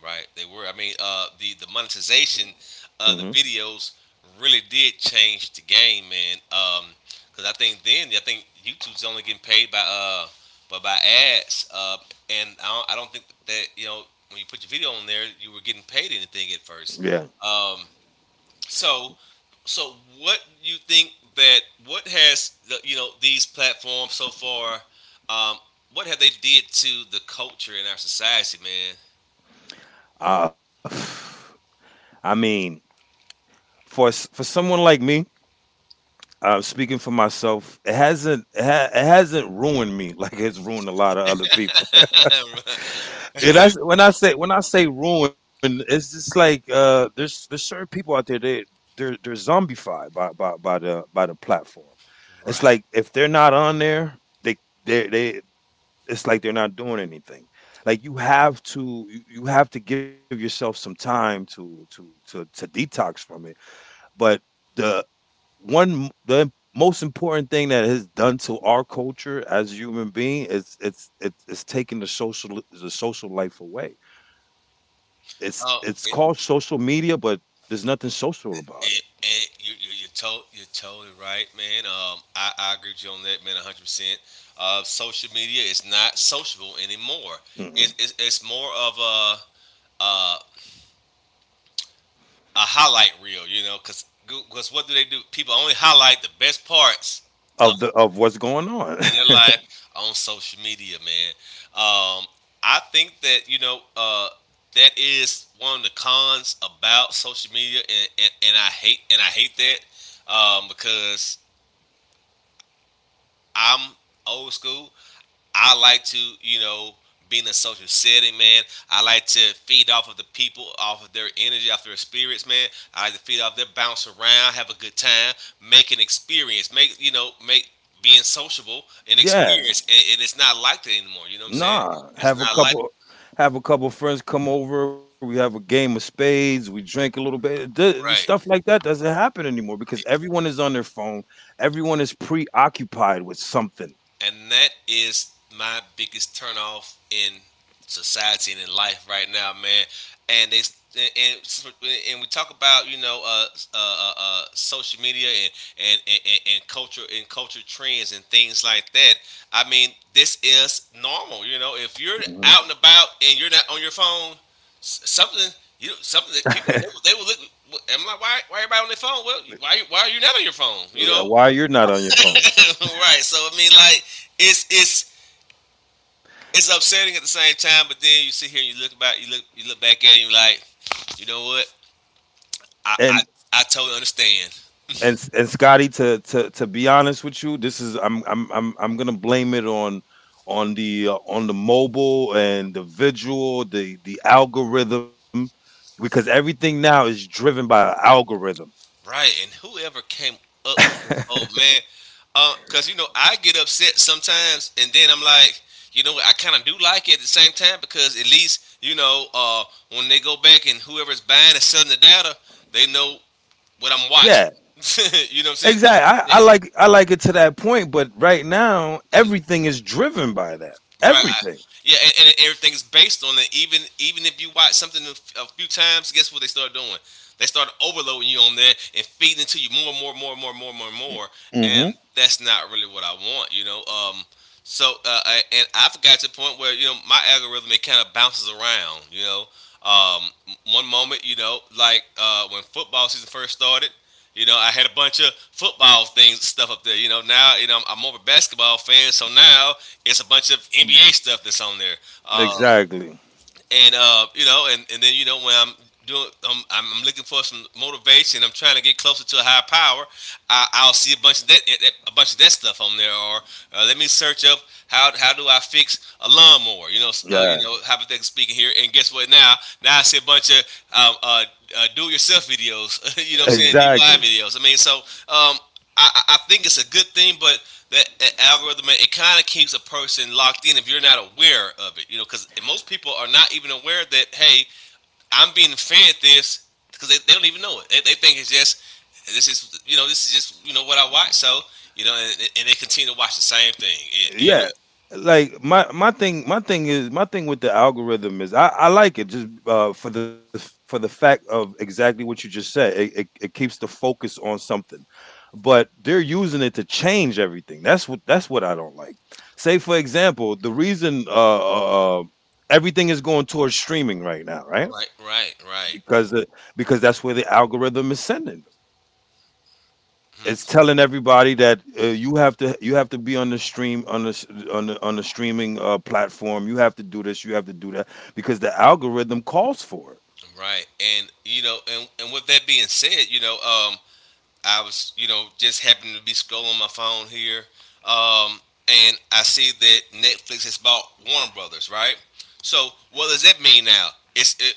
S1: right. They were. I mean, the monetization
S2: Hmm.
S1: of the videos really did change the game, man. Because I think then, I think YouTube's only getting paid by but by ads. And I don't think that, you know, when you put your video on there, you were getting paid anything at first.
S2: Yeah.
S1: Um, so, so what you think that, what has the, you know, these platforms so far, um, what have they did to the culture in our society,
S2: uh, *sighs* I mean, for someone like me, speaking for myself, it hasn't ruined me *laughs* like it's ruined a lot of other people.
S1: man? *laughs*
S2: Yeah, that's when I say, when I say ruin, it's just like, there's certain people out there. They, they're zombified by, the, by the platform. It's
S1: Right.
S2: like if they're not on there, they they it's like they're not doing anything. Like you have to, you have to give yourself some time to, to detox from it. But the one, the most important thing that has done to our culture as a human being, is it's taking the social, the social life away. It's
S1: Oh,
S2: called social media, but there's nothing social about it.
S1: you're, you're totally right, man. I agree with you on that, man, 100%. Social media is not sociable anymore.
S2: Mm-mm.
S1: It's more of uh, a highlight reel, you know, because what do they do? People only highlight the best parts of,
S2: Of the, of what's going on.
S1: in their
S2: *laughs*
S1: life on social media, man. Um, I think that, you know, that is one of the cons about social media, and I hate that, because I'm old school. I like to, you know, be in a social setting, man. I like to feed off of the people, off of their energy, off their spirits, man. I like to feed off their, bounce around, have a good time, make an experience, make, you know, make being sociable an
S2: Yeah.
S1: experience, and it's not like that anymore. You know what I'm saying?
S2: Nah.
S1: It's not like
S2: Have a couple friends come over, we have a game of spades, we drink a little bit. Stuff
S1: right.
S2: like that doesn't happen anymore because everyone is on their phone. Everyone is preoccupied with something.
S1: And that is my biggest turnoff in society and in life right now, man. And they and, we talk about, you know, social media and culture and culture trends and things like that. I mean, this is normal. You know, if you're
S2: Mhm.
S1: out and about and you're not on your phone, something, you something that people, they, they will look. I'm like, why everybody on their phone? Well, why are you not on your phone? You
S2: Yeah,
S1: know,
S2: why you're not on your phone?
S1: *laughs* right? So I mean, like, it's it's it's upsetting at the same time, but then you sit here and you look about you look back at it and you like, you know what? I,
S2: And
S1: I I totally understand.
S2: and Scotty, to, be honest with you, this is, I'm gonna blame it on, on the mobile and the visual, the algorithm, because everything now is driven by an algorithm.
S1: Right. And whoever came up with this
S2: *laughs*
S1: whole, man, because, you know, I get upset sometimes and then I'm like, you know what, I kinda do like it at the same time because at least, you know, when they go back and whoever's buying and selling the data, they know what I'm
S2: Yeah,
S1: watching. *laughs* You know what I'm
S2: exactly.
S1: saying?
S2: I like, it to that point, but right now
S1: *laughs*
S2: everything is driven by that.
S1: Right.
S2: Everything.
S1: Yeah, and everything's based on it. Even, even if you watch something a few times, guess what they start doing? They start overloading you on that and feeding it to you more, more, more, more, more, more, more. And
S2: Hmm.
S1: that's not really what I want, you know. So, and I've got to the point where, you know, my algorithm it kind of bounces around, you know. Um, One moment, you know, like when football season first started, you know, I had a bunch of football things stuff up there. You know, now you know I'm, more of a basketball fan, so now it's a bunch of NBA stuff that's on there. Um,
S2: Exactly.
S1: and you know, and then you know when I'm doing, I'm looking for some motivation. I'm trying to get closer to a higher power. I'll see a bunch of that, a bunch of that stuff on there, or let me search up how do I fix a lawnmower? You
S2: Yeah.
S1: know, hypothetically speaking here. And guess what? Now, now I see a bunch of um, uh, do-it-yourself videos. *laughs* You know what I'm saying?
S2: Exactly.
S1: DIY videos. I mean, so um, I think it's a good thing, but that algorithm it kind of keeps a person locked in if you're not aware of it, you know, because most people are not even aware that, hey, I'm being fed this because they don't even know it. They think it's just, this is, you know, this is just, you know, what I watch, so, you know, and they continue to watch the same thing, It- you know.
S2: Yeah, like my thing with the algorithm is, I like it just, for the, for the fact of exactly what you just said. It keeps the focus on something, but they're using it to change everything. That's what I don't like. Say for example, the reason, everything is going towards streaming right now, right?
S1: Right, right,
S2: Because
S1: right.
S2: because that's where the algorithm is sending.
S1: Hmm,
S2: It's telling everybody that, you have to, you have to be on the stream, on the s- on the streaming, platform. You have to do this. You have to do that, because the algorithm calls for it.
S1: right, and you know, and with that being said, you know, I was, you know, just happened to be scrolling my phone here, um, and I see that Netflix has bought Warner Brothers, right? So what does that mean now? It's it,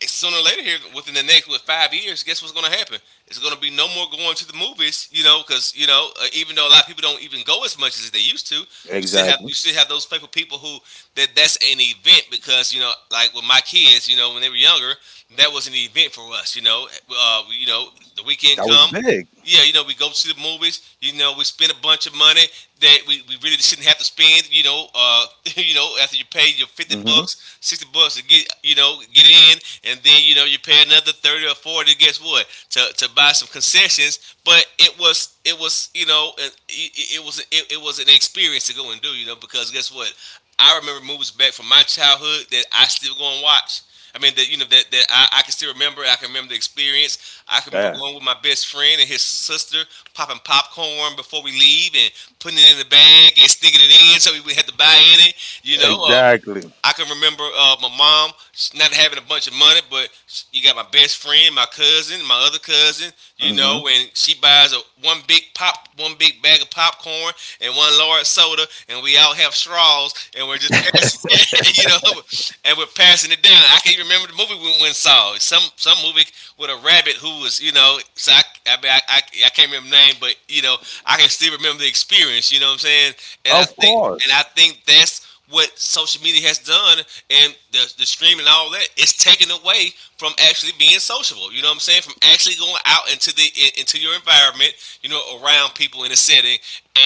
S1: it's sooner or later here within the next with 5 years. Guess what's going to happen? It's going to be no more going to the movies, you know, because even though a lot of people don't even go as much as they used to,
S2: Exactly.
S1: you still have those faithful people who that's an event because you know, like with my kids, you know, when they were younger, that was an event for us, the
S2: That
S1: weekend
S2: was
S1: come,
S2: big.
S1: yeah, you know, we go to the movies. You know, we spend a bunch of money that we really shouldn't have to spend. *laughs* You know, after you pay your fifty
S2: Hmm.
S1: bucks, $60 to get in, and then you know you pay another thirty or forty. Guess what? To buy some concessions, but it was you know an- it was an experience to go and do. You know, because guess what? I remember movies back from my childhood that I still go and watch. I mean that you know that, that I can still remember. I can remember the experience. I can
S2: Yeah.
S1: remember going with my best friend and his sister, popping popcorn before we leave and putting it in the bag and sticking it in so we would have to buy any. You know, uh,
S2: Exactly.
S1: I can remember my mom not having a bunch of money, but you got my best friend, my cousin, my other cousin, you
S2: Hmm.
S1: know, and she buys a one big pop, one big bag of popcorn and one large soda, and we all have straws, and we're just passing, *laughs* you know, and we're passing it down. I can not even remember the movie we went and saw. Some movie with a rabbit who was, you know, so I can't remember the name, but you know, I can still remember the experience. You know what I'm saying? And I
S2: Of
S1: think and
S2: course.
S1: I think that's what social media has done and the streaming and all that. It's taken away from actually being sociable. You know what I'm saying? From actually going out into into your environment, you know, around people in a setting,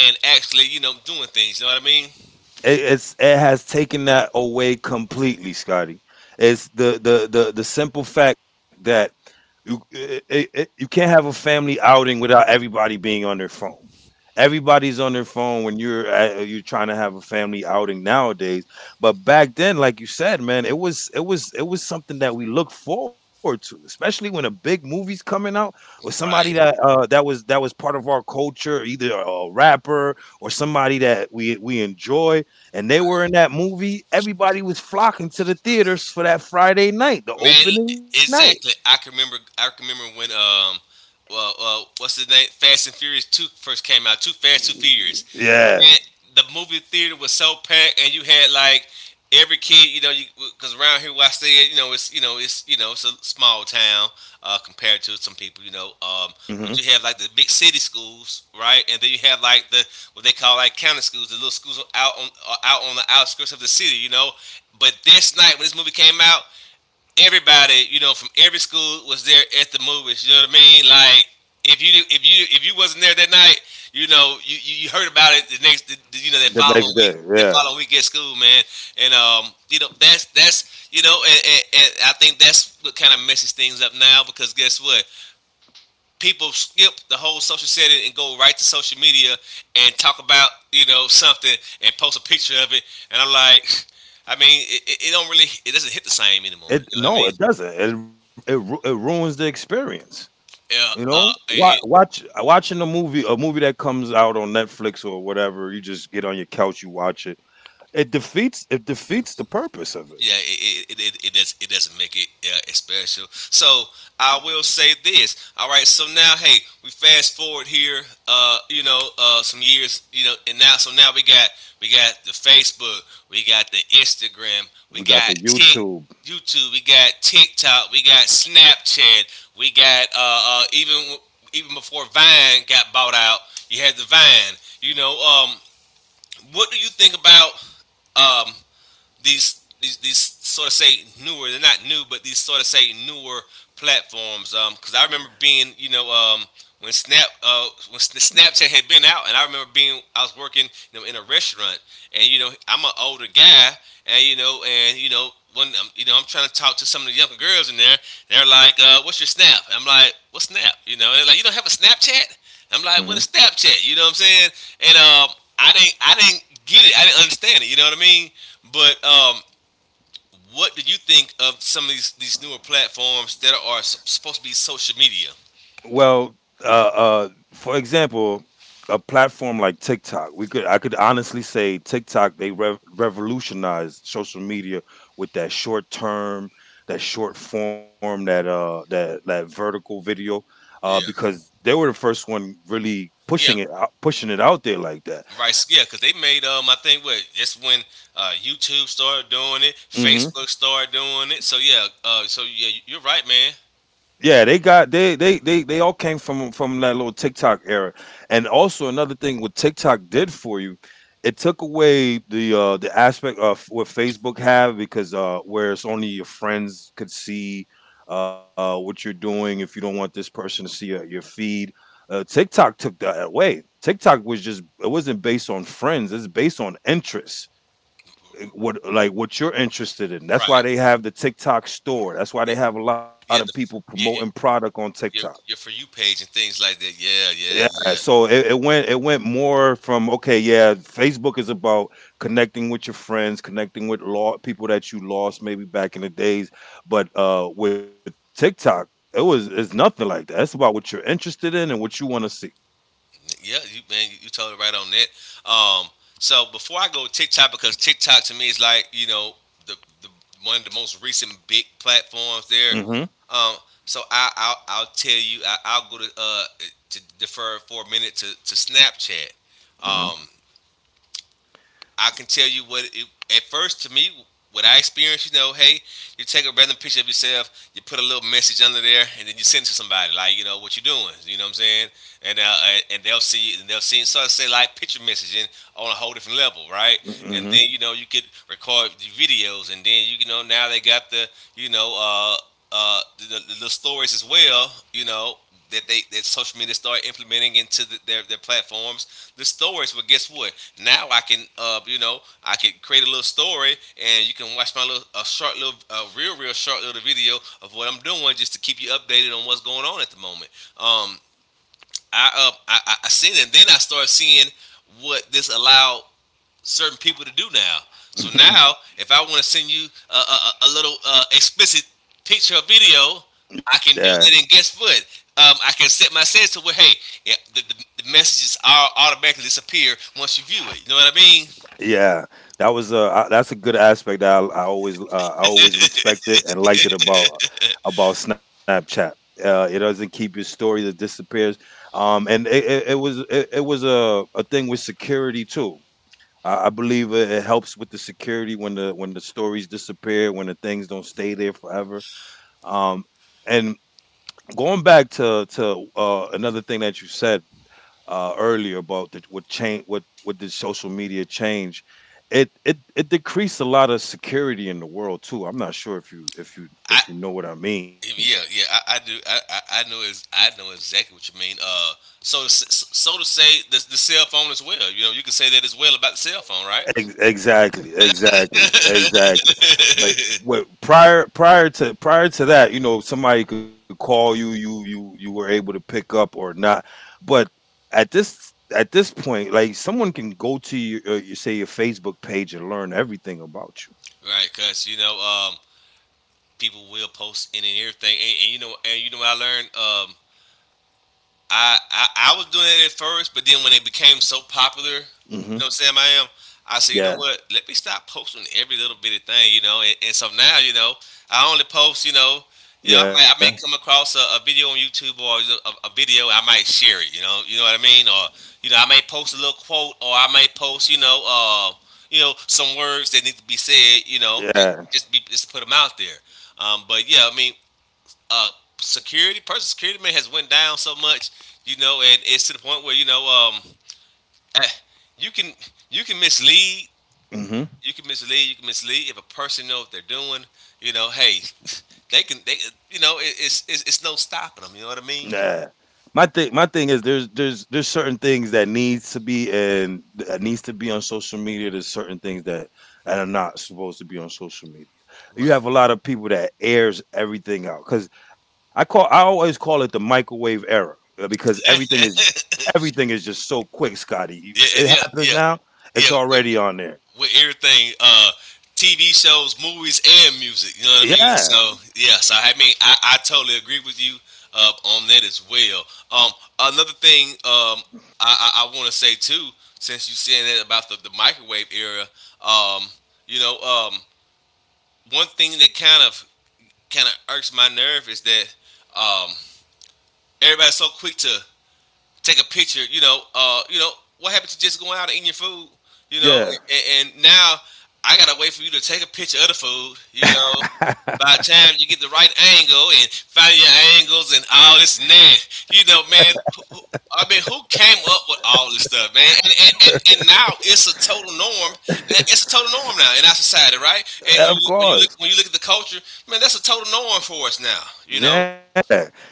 S1: and actually, you know, doing things. You know what I mean?
S2: It, it's, it has taken that away completely, Scotty. It's the, the simple fact that you it, it, it- you can't have a family outing without everybody being on their phone. Everybody's on their phone when you're trying to have a family outing nowadays. But back then, like you said, man, it was something that we looked forward to, especially when a big movie's coming out, or somebody that,
S1: Right.
S2: that was part of our culture, either a rapper or somebody that we enjoy, and they were in that movie. Everybody was flocking to the theaters for that Friday night, the
S1: Man, l-
S2: opening night.
S1: exactly. I can remember when well, what's the name? Fast and Furious Two first came out. Too Fast, Too Furious.
S2: Yeah.
S1: Man, the movie theater was so packed, and you had like every kid. You know, you Because around here where I stay, you know, it's a small town, compared to some people.
S2: Hmm.
S1: But you have like the big city schools, right? And then you have like the what they call like county schools, the little schools out on out on the outskirts of the city. You know, but this night when this movie came out, everybody, you know, from every school was there at the movies. You know what I mean? Like if you wasn't there that night, you know, you heard about it the next, the- you know,
S2: The next day.
S1: that
S2: Yeah.
S1: following week at school, man. And you know, and I think that's what kind of messes things up now because guess what? People skip the whole social setting and go right to social media and talk about, you know, something and post a picture of it, and I'm like. *laughs* I mean, it don't really, it doesn't hit the same anymore. You
S2: It,
S1: know what I
S2: no,
S1: mean?
S2: it doesn't. It ruins the experience. You
S1: Yeah,
S2: know,
S1: it, it
S2: watching a movie that comes out on Netflix or whatever, you just get on your couch, you watch it. It defeats the purpose of it.
S1: yeah, it does, it doesn't make it, yeah, it's special. So I will say this. All right, so now, hey, we fast forward here, you know, some years, you know, and now, so now we got the Facebook, we got the Instagram, we
S2: We got
S1: got
S2: the
S1: Tik,
S2: YouTube.
S1: YouTube, we got TikTok, we got Snapchat, we got even before Vine got bought out, you had the Vine. What do you think about? um, these these sort of say newer. They're not new, but these sort of say newer platforms. Because I remember being, you know, when Snap when Snapchat had been out, and I remember being I was working, you know, in a restaurant, and you know I'm an older guy, and when I'm, you know I'm trying to talk to some of the younger girls in there, they're like, "What's your Snap?" And I'm like, "What Snap?" You know, and they're like, "You don't have a Snapchat." And I'm like, "What
S2: Mm-hmm.
S1: is Snapchat?" You know what I'm saying? And I didn't get it. I didn't understand it. You know what I mean? But what do you think of some of these newer platforms that are supposed to be social media?
S2: Well, uh, uh, for example, a platform like TikTok, we could I could honestly say TikTok they rev revolutionized social media with that short form, that vertical video,
S1: Yeah,
S2: because they were the first one really
S1: yeah,
S2: pushing it out there like that.
S1: right. Yeah, because they made I think what that's when YouTube started doing it,
S2: Mm-hmm.
S1: Facebook started doing it. So yeah, so yeah, you're right, man.
S2: Yeah, they got they all came from that little TikTok era. And also another thing what TikTok did for you, it took away the aspect of what Facebook have because where it's only your friends could see what you're doing if you don't want this person to see your feed. TikTok took that away. TikTok was just It wasn't based on friends, it's based on interests, what you're interested in. That's why
S1: Right.
S2: they have the TikTok store. That's why
S1: Y-
S2: they have a lot of
S1: Yeah,
S2: people
S1: the
S2: promoting
S1: yeah,
S2: product on TikTok.
S1: your For You page and things like that. Yeah, yeah,
S2: Yeah,
S1: yeah.
S2: so it went more from okay, yeah, Facebook is about connecting with your friends, connecting with law people that you lost maybe back in the days, but with TikTok, it's nothing like that. It's about what you're interested in and what you want to see.
S1: Yeah, you man, you told it right on that. So before I go with TikTok, because TikTok to me is like, you know, the, the one of the most recent big platforms there.
S2: Mhm.
S1: Um, so I'll tell you I'll go to defer for a minute to Snapchat.
S2: Mhm.
S1: Um, I can tell you what it, at first to me what I experienced. You know, hey, you take a random picture of yourself, you put a little message under there, and then you send it to somebody like you know what you doing. You know what I'm saying? And and they'll see it. So I say like picture messaging on a whole different level, right? And
S2: Mhm.
S1: then you know you could record the videos, and then you know now they got the, you know, the stories as well. You know that they that social media start implementing into their platforms the stories. But guess what? Now I can, you know, I can create a little story, and you can watch my little, a short little, a real, real short little video of what I'm doing, just to keep you updated on what's going on at the moment. Um, I seen it, and then I started seeing what this allowed certain people to do now. So now,
S2: *laughs*
S1: if I want to send you a, little explicit picture or video, I can
S2: yeah.
S1: do that. And guess what? I can set my settings to where, hey, yeah, the messages are automatically disappear once you view it. You know what I mean?
S2: Yeah, that's a good aspect that I always I always respected and liked it about Snapchat. It doesn't keep your stories; it disappears. And it was a thing with security too. I believe it helps with the security when the stories disappear, when the things don't stay there forever. And going back to another thing that you said earlier about what change what did social media change. It decreased a lot of security in the world too. I'm not sure if
S1: I
S2: you know what I mean.
S1: Yeah, yeah, I do, I know is I know exactly what you mean. So to say the cell phone as well. You know you can say that as well about the cell phone, right?
S2: Exactly. But what prior prior to prior to that, you know, somebody could call you, you were able to pick up or not. But at this point, like someone can go to your, you say, your Facebook page and learn everything about
S1: *laughs* Right, 'cause you know, people will post any and everything. And you know, what I learned, I was doing it at first, but then when it became so popular, you
S2: you. Hmm.
S1: know what I'm saying, I am. I said, you know
S2: Yeah,
S1: what? Let me stop posting every little bitty thing, you know. And so now, you know, I only post, you know,
S2: yeah,
S1: I may come across a video on YouTube or, you know, a video, I might share it, you know what I mean, or you know, I may post a little quote, or I may post, you know, some words that need to be said, you know,
S2: yeah.
S1: just put them out there. But yeah, I mean, uh, security, personal security, man, has went down so much, you know, and it's to the point where you know, eh, you can you can mislead,
S2: Hmm.
S1: you can mislead if a person knows what they're doing. You know, hey, *laughs* they can, they, you know, it, it's no stopping them. You know what I
S2: Nah.
S1: mean?
S2: My thing is there's certain things that needs to be on social media. There's certain things that are not supposed to be on social media. You
S1: Right.
S2: have a lot of people that airs everything out, cuz I call, I always call it the microwave era, because everything is just so quick, Scotty. You,
S1: Yeah,
S2: it
S1: yeah,
S2: happens now.
S1: yeah.
S2: It's already on there.
S1: With everything, TV shows, movies, and music. You know what I mean?
S2: Yeah.
S1: So yeah, so I mean, I totally agree with you on that as well. Um, another thing, I want to say too, since you saying that about the microwave era, um, you know, one thing that kind of irks my nerve is that um, everybody's so quick to take a picture. You know, you know, what happened to just going out and eating your food? You know,
S2: Yeah.
S1: and now I gotta wait for you to take a picture of the food. You know, by the time you get the right angle and find your angles and all this and that, you know, man. I mean, who came up with all this stuff, man? And now it's a total norm. And It's a total norm now in our society, right? And
S2: *laughs*
S1: when
S2: of
S1: you when you look
S2: course.
S1: when you look at the culture, man, that's a total norm for us now. You know,
S2: Yeah,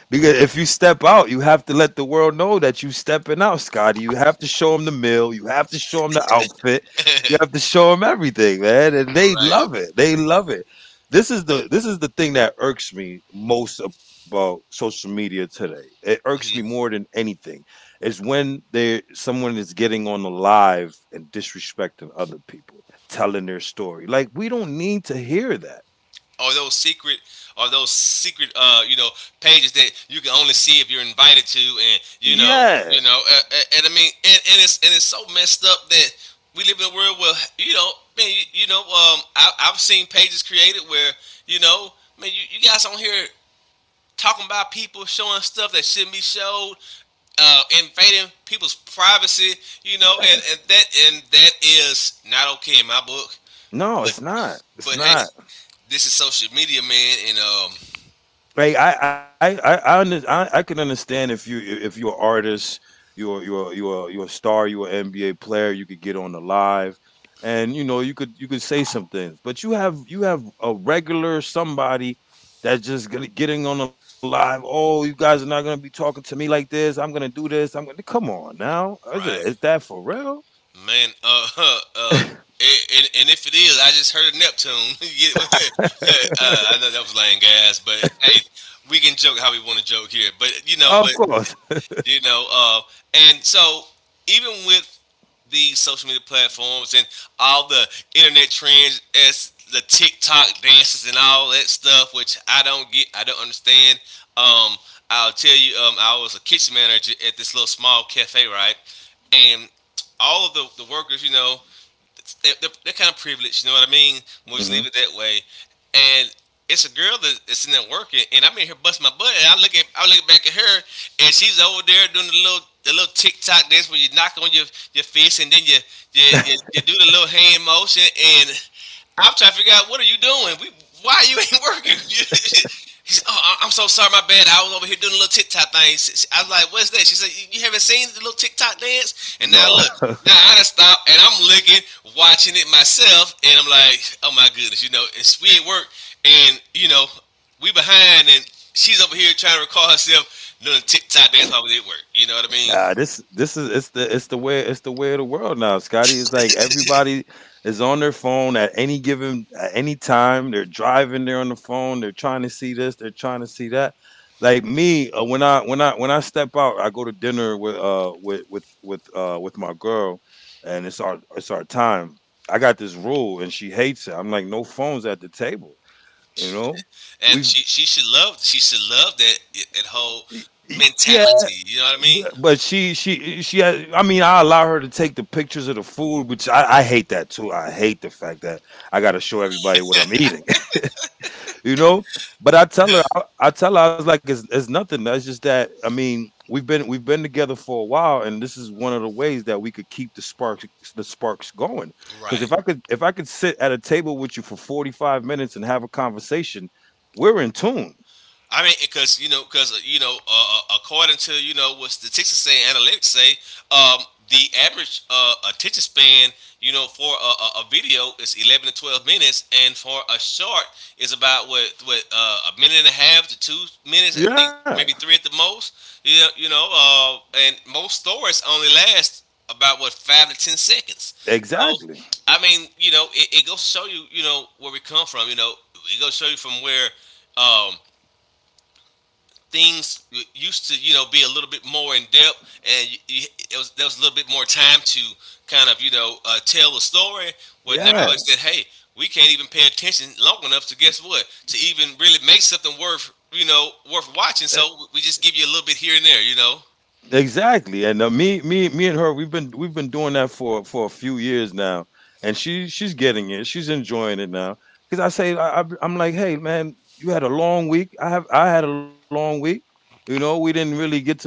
S2: because if you step out, you have to let the world know that you stepping out, Scotty. You have to show them the meal. You have to show them the outfit. You have to show them everything, man. And they
S1: right?
S2: love it. They love it. This is the thing that irks me most about social media today. It irks me more than anything is when they someone is getting on the live and disrespecting other people, telling their story. Like we don't need to hear that.
S1: or those secret or those secret pages that you can only see if you're invited to, and you know,
S2: Yeah.
S1: you know and I mean and it's so messed up that we live in a world where, you know, man, I've seen pages created where, you know, man, you guys on here talking about people showing stuff that shouldn't be showed, uh, invading people's privacy, you know. And that is not okay in my book.
S2: No,
S1: but
S2: it's not. It's
S1: but hey,
S2: not.
S1: this is social media, man, and
S2: I can understand if you if you're an artist, you're a star, you're an NBA player, you could get on the live, and you know you could say some things. But you have a regular somebody getting on the live. Oh, you guys are not gonna be talking to me like this. I'm gonna do this. I'm gonna come on now.
S1: right,
S2: Is that for real?
S1: man. *laughs* And if it is, I just heard of Neptune. *laughs* Get it? *laughs* I know that was lame gas, but hey, we can joke how we want to joke here. But, you
S2: Of
S1: know,
S2: course.
S1: you know, uh, and so, even with these social media platforms and all the internet trends, as the TikTok dances and all that stuff, which I don't get, I don't understand. Um, I'll tell you, I was a kitchen manager at this little small cafe, right? And all of the workers, you know, they're kind of privileged, you know what I mean?
S2: *laughs*
S1: We'll just
S2: hmm
S1: leave it that way. And it's a girl that's in there working, and I'm in here busting my butt. And I look back at her, and she's over there doing the little TikTok dance where you knock on your fist, and then you do the little hand motion, and I'm trying to figure out, what are you doing? We Why you ain't working? *laughs* He said, "Oh, I'm so sorry, my bad. I was over here doing a little TikTok thing." She- I was like, "What's that?" She said, You haven't seen the little TikTok dance?" And now
S2: No.
S1: look,
S2: *laughs*
S1: now I done stopped, and I'm looking, watching it myself, and I'm like, "Oh my goodness," you know. It's we at work, and you know, we behind, and she's over here trying to recall herself doing a TikTok dance while we at work. You know what I mean?
S2: This this is it's the way of the world now, Scotty. It's like everybody is on their phone at any given at any time. They're driving, they're on the phone, they're trying to see this, they're trying to see that. Like me, when I step out, I go to dinner with with my girl, and it's our time. I got this rule, and she hates it. I'm like, no phones at the table. You know, we
S1: And
S2: have
S1: she should love that that whole
S2: yeah.
S1: mentality. You know what I mean?
S2: But I mean, I allow her to take the pictures of the food, which I hate that too. I hate the fact that I got to show everybody what I'm eating, you know. But I tell her, I was like, it's nothing. That's just that. I mean, we've been together for a while, and this is one of the ways that we could keep the sparks going. Because
S1: Right.
S2: if I could sit at a table with you for 45 minutes and have a conversation, we're in tune.
S1: I mean, because you know, according to, you know, what statistics say, analytics say, um, the average attention span, you know, for a video is 11 to 12 minutes, and for a short is about what a minute and a half to 2 minutes. I think
S2: Yeah,
S1: maybe 3 at the most. You know, and most stories only last about, what, 5 to 10 seconds. So,
S2: exactly.
S1: I mean, you know, it goes to show you, you know, where we come from. You know, it goes to show you from where um, things used to, you know, be a little bit more in depth, and there was a little bit more time to kind of, you know, tell a story, where
S2: Yeah,
S1: now is that, hey, we can't even pay attention long enough to guess what, to even really make something worth, you know, worth watching, so we just give you a little bit here and there, you know.
S2: exactly. And and her, we've been doing that for a few years now, and she's getting it, she's enjoying it now. Because I say, I'm like, hey man, you had a long week. I had a long week. You know, we didn't really get to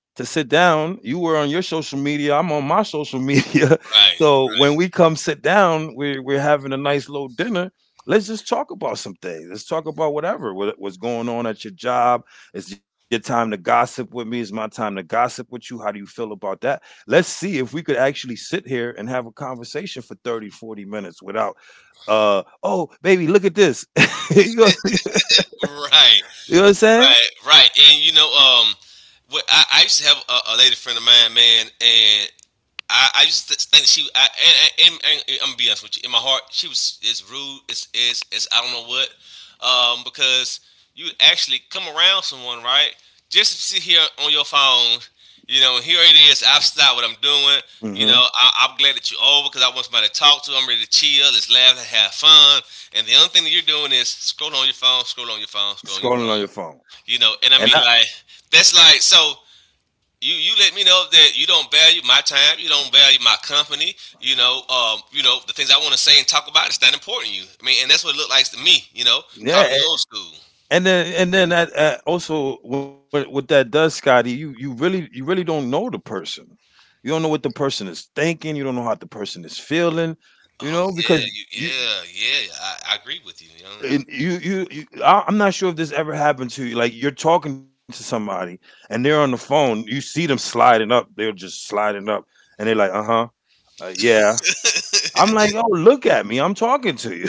S2: sit down. You were on your social media. I'm on my social media. *laughs*
S1: right
S2: So when we come sit down, we're having a nice little dinner. Let's just talk about some things. Let's talk about whatever what's going on at your job, it's your time to gossip with me. It's my time to gossip with you. How do you feel about that? Let's see if we could actually sit here and have a conversation for 30, 40 minutes without, oh, baby, look at this. *laughs* you, know, *laughs* you
S1: right right
S2: know what I'm saying?
S1: right right And you know, what I used to have a lady friend of mine, man, and I just think she, I, and I'm gonna be honest with you, in my heart, she was is rude is I don't know what, because you would actually come around someone, right, just sit here on your phone. You know, and here it is, I've stopped what I'm doing. You know,
S2: Mm-hmm.
S1: I'm glad that you're over because I want somebody to talk to. I'm ready to chill, let's laugh, let's have fun, and the only thing that you're doing is scroll on your phone, scroll on your phone, scroll on your
S2: Scrolling on
S1: phone.
S2: your phone.
S1: You know,
S2: And I,
S1: and I mean, like, that's like, so you let me know that you don't value my time, you don't value my company. You know, you know, the things I want to say and talk about, it's not important to you. I mean, and that's what it looked like to me. You know, call
S2: yeah,
S1: me old school.
S2: and then that, also what that does, Scotty, you really don't know the person. You don't know what the person is thinking. You don't know how the person is feeling. You
S1: Oh
S2: know,
S1: yeah,
S2: because you,
S1: yeah, yeah. I agree with you. You know. Mm-hmm.
S2: and I'm not sure if this ever happened to you. Like you're talking to somebody and they're on the phone. You see them sliding up. They're just sliding up, and they're like, "Uh-huh, yeah." I'm like, "Yo, look at me. I'm talking to you."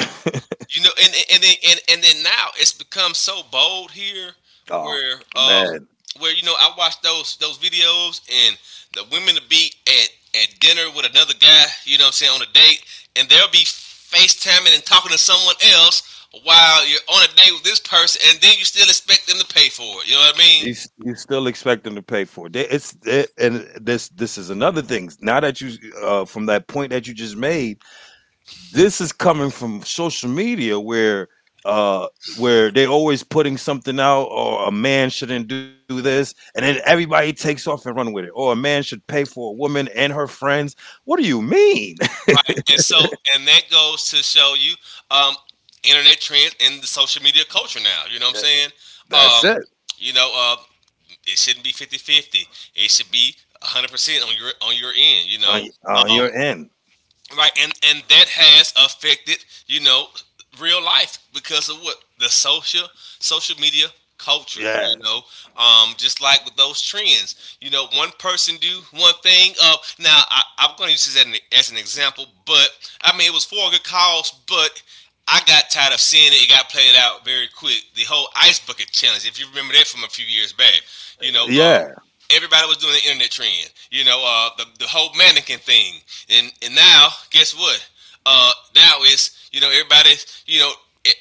S1: You know, and and then now it's become so bold here
S2: *laughs* oh
S1: where,
S2: man,
S1: where, you know, I watch those videos, and the women to be at dinner with another guy, you know what I'm saying, on a date, and they'll be FaceTiming and talking to someone else while you're on a date with this person, and then you still expect them to pay for it. You know what I mean?
S2: you still expect them to pay for it. They, and this is another thing. Now that you, from that point that you just made, this is coming from social media where uh they always putting something out, or a man shouldn't do this, and then everybody takes off and run with it, or a man should pay for a woman and her friends. What do you mean? *laughs*
S1: Right. And so, and that goes to show you, um internet trends and the social media culture now, you know what I'm
S2: That-
S1: saying? Um
S2: that's it
S1: you know, uh, It shouldn't be 50-50. It should be 100% on your end, you know.
S2: on,
S1: Um,
S2: on your end
S1: right, and that has affected, you know, real life because of what the social media culture, you
S2: yeah
S1: know. Just like with those trends, you know, one person do one thing. Now I'm going to use this as as an example, but I mean, it was for a good cause, but I got tired of seeing it. It got played out very quick. The whole ice bucket challenge, if you remember that from a few years back, you know,
S2: yeah
S1: everybody was doing the internet trend. You know, the whole mannequin thing. And now guess what? Now it's, you know, everybody, you know, it,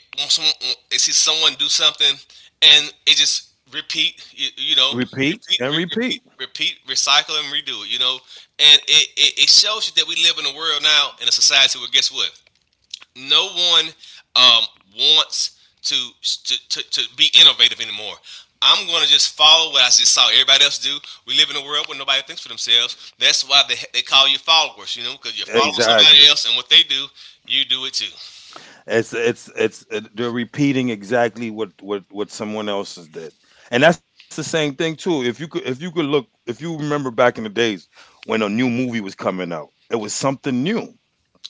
S1: they see someone do something, and it just you know,
S2: repeat
S1: repeat
S2: and
S1: re-
S2: repeat
S1: repeat repeat recycle and redo it. You know, and it, it shows you that we live in a world now, in a society, where guess what? No one, um, wants to, to be innovative anymore. I'm going to just follow what I just saw everybody else do. We live in a world where nobody thinks for themselves. That's why they call you followers, you know, because you're following
S2: exactly.
S1: somebody else, and what they do, you do it too.
S2: It's They're repeating exactly what someone else has did, and that's the same thing too. If you could look, if you remember back in the days when a new movie was coming out, it was something new.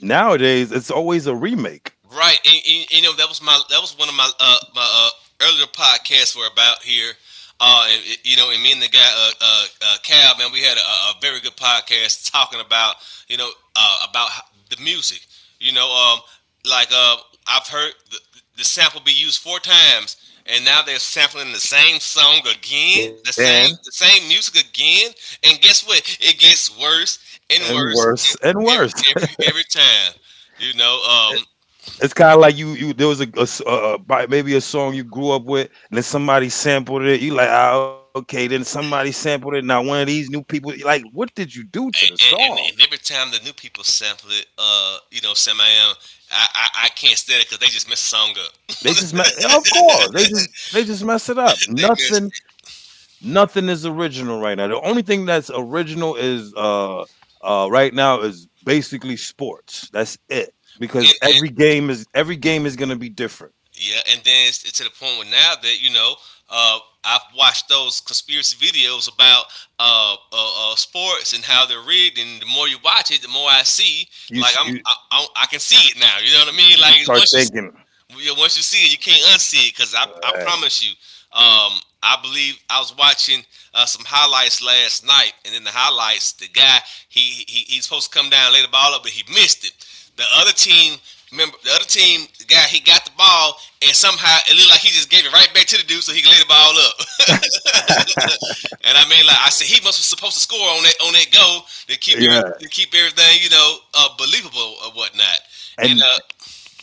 S2: Nowadays, it's always a remake,
S1: Right, and you know, that was my, that was one of my earlier podcasts were about here. And, you know, and me and the guy, Cal, man, we had a very good podcast, talking about, you know, about the music. You know, like uh, I've heard the sample be used 4 times, and now they're sampling the same song again,
S2: then,
S1: the same music again. And guess what? It gets worse and
S2: and
S1: worse,
S2: worse and worse.
S1: every time. You know,
S2: *laughs* It's kind of like you there was a, maybe a song you grew up with, and then somebody sampled it. You like ah okay, then somebody sampled it. Now one of these new people, you like what did you do to the
S1: and,
S2: song?
S1: and every time the new people sample it, you know, Sam I Am, I can't stand it because they just mess the song up.
S2: Yeah, of course they just mess it up.
S1: *laughs* They mess,
S2: Nothing is original right now. The only thing that's original is right now is basically sports. That's it,
S1: and,
S2: because
S1: and
S2: every game is gonna be different.
S1: yeah, and then it's to the point where now that, you know, uh, I've watched those conspiracy videos about sports and how they're rigged, and the more you watch it, the more I see.
S2: You
S1: Like,
S2: s- you,
S1: I can see it now. You know what I mean?
S2: you
S1: Like,
S2: start
S1: once you,
S2: thinking,
S1: yeah, once you see it, you can't unsee it, because I
S2: yeah,
S1: promise you, um, I believe I was watching some highlights last night, and in the highlights, the guy, he's supposed to come down, lay the ball up, but he missed it. The other team the other team, the guy, he got the ball, and somehow it looked like he just gave it right back to the dude so he can lay the ball up. *laughs* And I mean, like I said, he must was supposed to score on that goal to keep
S2: yeah.
S1: every- to keep everything, you know, believable or whatnot. And
S2: And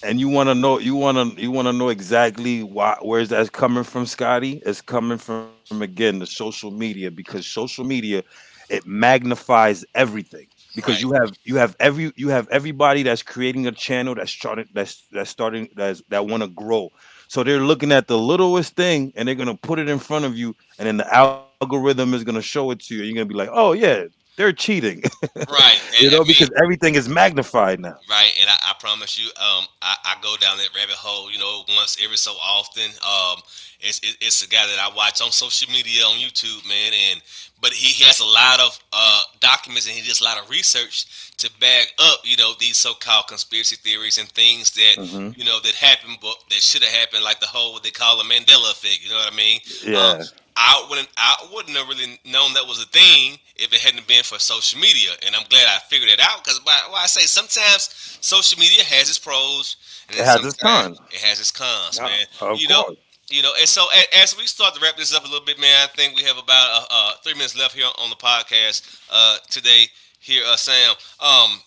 S2: and you want to know, you want to know exactly why, where's that's coming from, Scotty. It's coming from, again, the social media, because social media, it magnifies everything, because
S1: right.
S2: you have every you have everybody that's creating a channel that's starting, that's that want to grow, so they're looking at the littlest thing and they're going to put it in front of you, and then the algorithm is going to show it to you. You're going to be like, oh yeah, they're cheating. *laughs*
S1: Right.
S2: You
S1: And
S2: know,
S1: I
S2: because
S1: mean,
S2: everything is magnified now.
S1: right, and I promise you, I go down that rabbit hole, you know, once every so often. It's a guy that I watch on social media on YouTube, man, and but he has a lot of documents, and he does a lot of research to back up, you know, these so-called conspiracy theories and things that
S2: Hmm.
S1: you know that happened, but that should have happened, like the whole what they call the Mandela effect. You know what I mean? Um,
S2: Yeah,
S1: I wouldn't have really known that was a thing if it hadn't been for social media, and I'm glad I figured it out because why I say sometimes social media has its pros, and
S2: it
S1: then
S2: has its
S1: sometimes
S2: con.
S1: it has its cons,
S2: Yeah,
S1: man.
S2: of
S1: You know,
S2: course.
S1: you know, and so as we start to wrap this up a little bit, man, I think we have about 3 minutes left here on the podcast today. Here, Sam, um,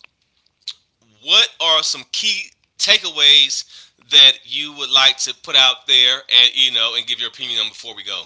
S1: what are some key takeaways that you would like to put out there, and you know, and give your opinion on before we go?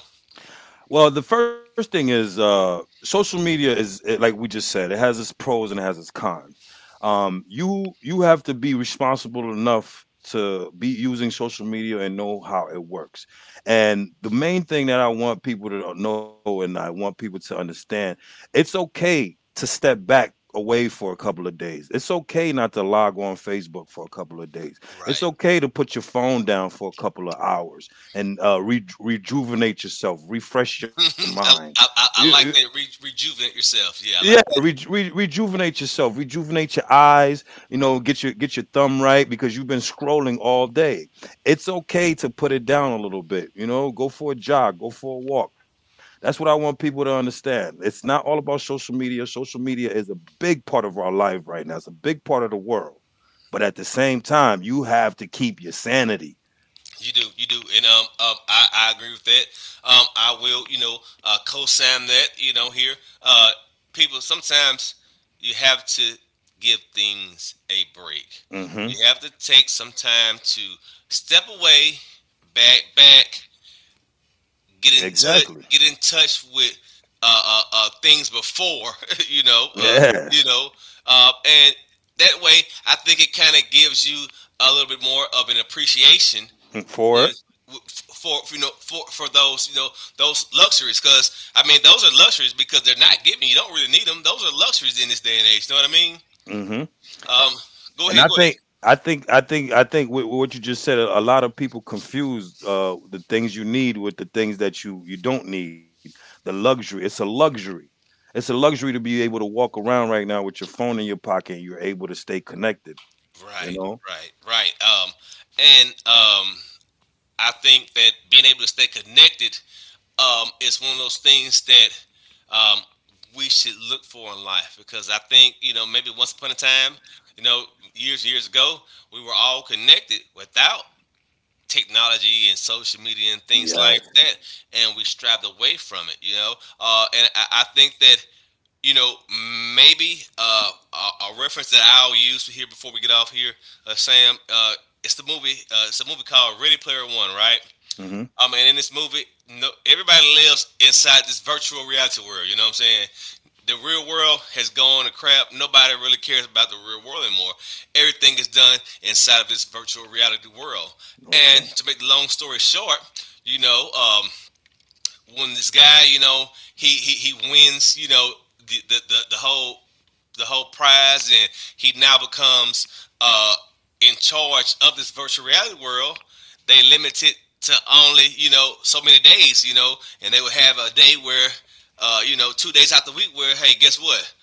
S2: Well, the first thing is, social media, like we just said, it has its pros and it has its cons. You have to be responsible enough to be using social media and know how it works. And the main thing that I want people to know and I want people to understand, it's okay to step back away for a couple of days. It's okay not to log on Facebook for a couple of days. It's
S1: Right.
S2: okay to put your phone down for a couple of hours and rejuvenate yourself, refresh your
S1: *laughs*
S2: mind.
S1: I, I,
S2: You-
S1: I
S2: you-
S1: I like that. Rejuvenate yourself. Yeah,
S2: Yeah,
S1: I like.
S2: rejuvenate yourself, rejuvenate your eyes. You know, get your thumb right because you've been scrolling all day. It's okay to put it down a little bit. You know, go for a jog, go for a walk. That's what I want people to understand. It's not all about social media. Social media is a big part of our life right now. It's a big part of the world. But at the same time, you have to keep your sanity.
S1: You do, and I agree with that. I will, you know, co-sign that. You know, here, uh, people. Sometimes you have to give things a break.
S2: Hmm.
S1: You have to take some time to step away, back,
S2: Exactly.
S1: get in touch with things before, *laughs* you know, uh,
S2: Yeah.
S1: you know, and that way, I think it kind of gives you a little bit more of an appreciation
S2: For it.
S1: ones for you know for those you know those luxuries, because I mean those are luxuries because they're not given, you don't really need them. Those are luxuries in this day and age, you know what I mean.
S2: Hmm.
S1: um go
S2: And
S1: ahead, go
S2: I think with what you just said, a lot of people confuse the things you need with the things that you don't need. The luxury, it's a luxury. It's a luxury to be able to walk around right now with your phone in your pocket and you're able to stay connected,
S1: ahead.
S2: you
S1: Right,
S2: know?
S1: right, right. And I think that being able to stay connected is one of those things that um we should look for in life, because I think you know maybe once upon a time, you know, years and years ago, we were all connected without technology and social media and things like
S2: Yes.
S1: that, and we strived away from it, you know. And I think that you know maybe a reference that I'll use here before we get off here, Sam. It's the movie. It's a movie called Ready Player One, right?
S2: Hmm.
S1: And in this movie, no, everybody lives inside this virtual reality world. You know what I'm saying? The real world has gone to crap. Nobody really cares about the real world anymore. Everything is done inside of this virtual reality world. And
S2: Okay.
S1: to make the long story short, you know, when this guy, you know, he wins, you know, the, the, the, the whole the whole prize, and he now becomes in charge of this virtual reality world. They limit it to only you know so many days, you know, and they would have a day where, you know, 2 days out the week where, hey, guess what?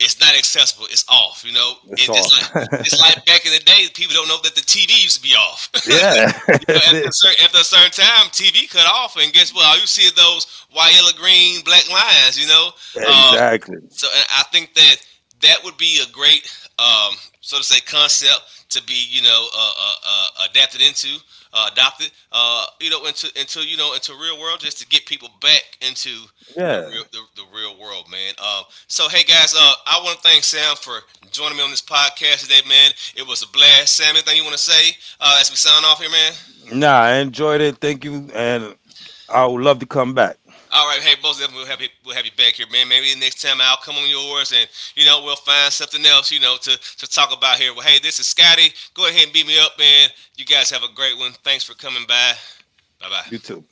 S1: It's not accessible. It's off. You know,
S2: It's
S1: and
S2: off.
S1: just like back in the day, people don't know that the TV used to be off.
S2: *laughs* yeah.
S1: You know, after
S2: *laughs*
S1: after a certain time, TV cut off, and guess what? All you see is those white, yellow, green, black lines. You know, um,
S2: exactly.
S1: so and I think that that would be a great, um, so to say, concept to be you know adapted into, adopted, you know, into you know into real world, just to get people back into
S2: Yeah.
S1: the real world, man. So hey guys, I want to thank Sam for joining me on this podcast today, man. It was a blast. Sam, anything you want to say as we sign off here, man?
S2: Nah, I enjoyed it. Thank you. And I would love to come back.
S1: All right, hey, most definitely we'll have you back here, man. Maybe the next time I'll come on yours, and you know we'll find something else, you know, to talk about here. Well, hey, this is Scotty. Go ahead and beat me up, man. You guys have a great one. Thanks for coming by. Bye
S2: You
S1: bye.
S2: too.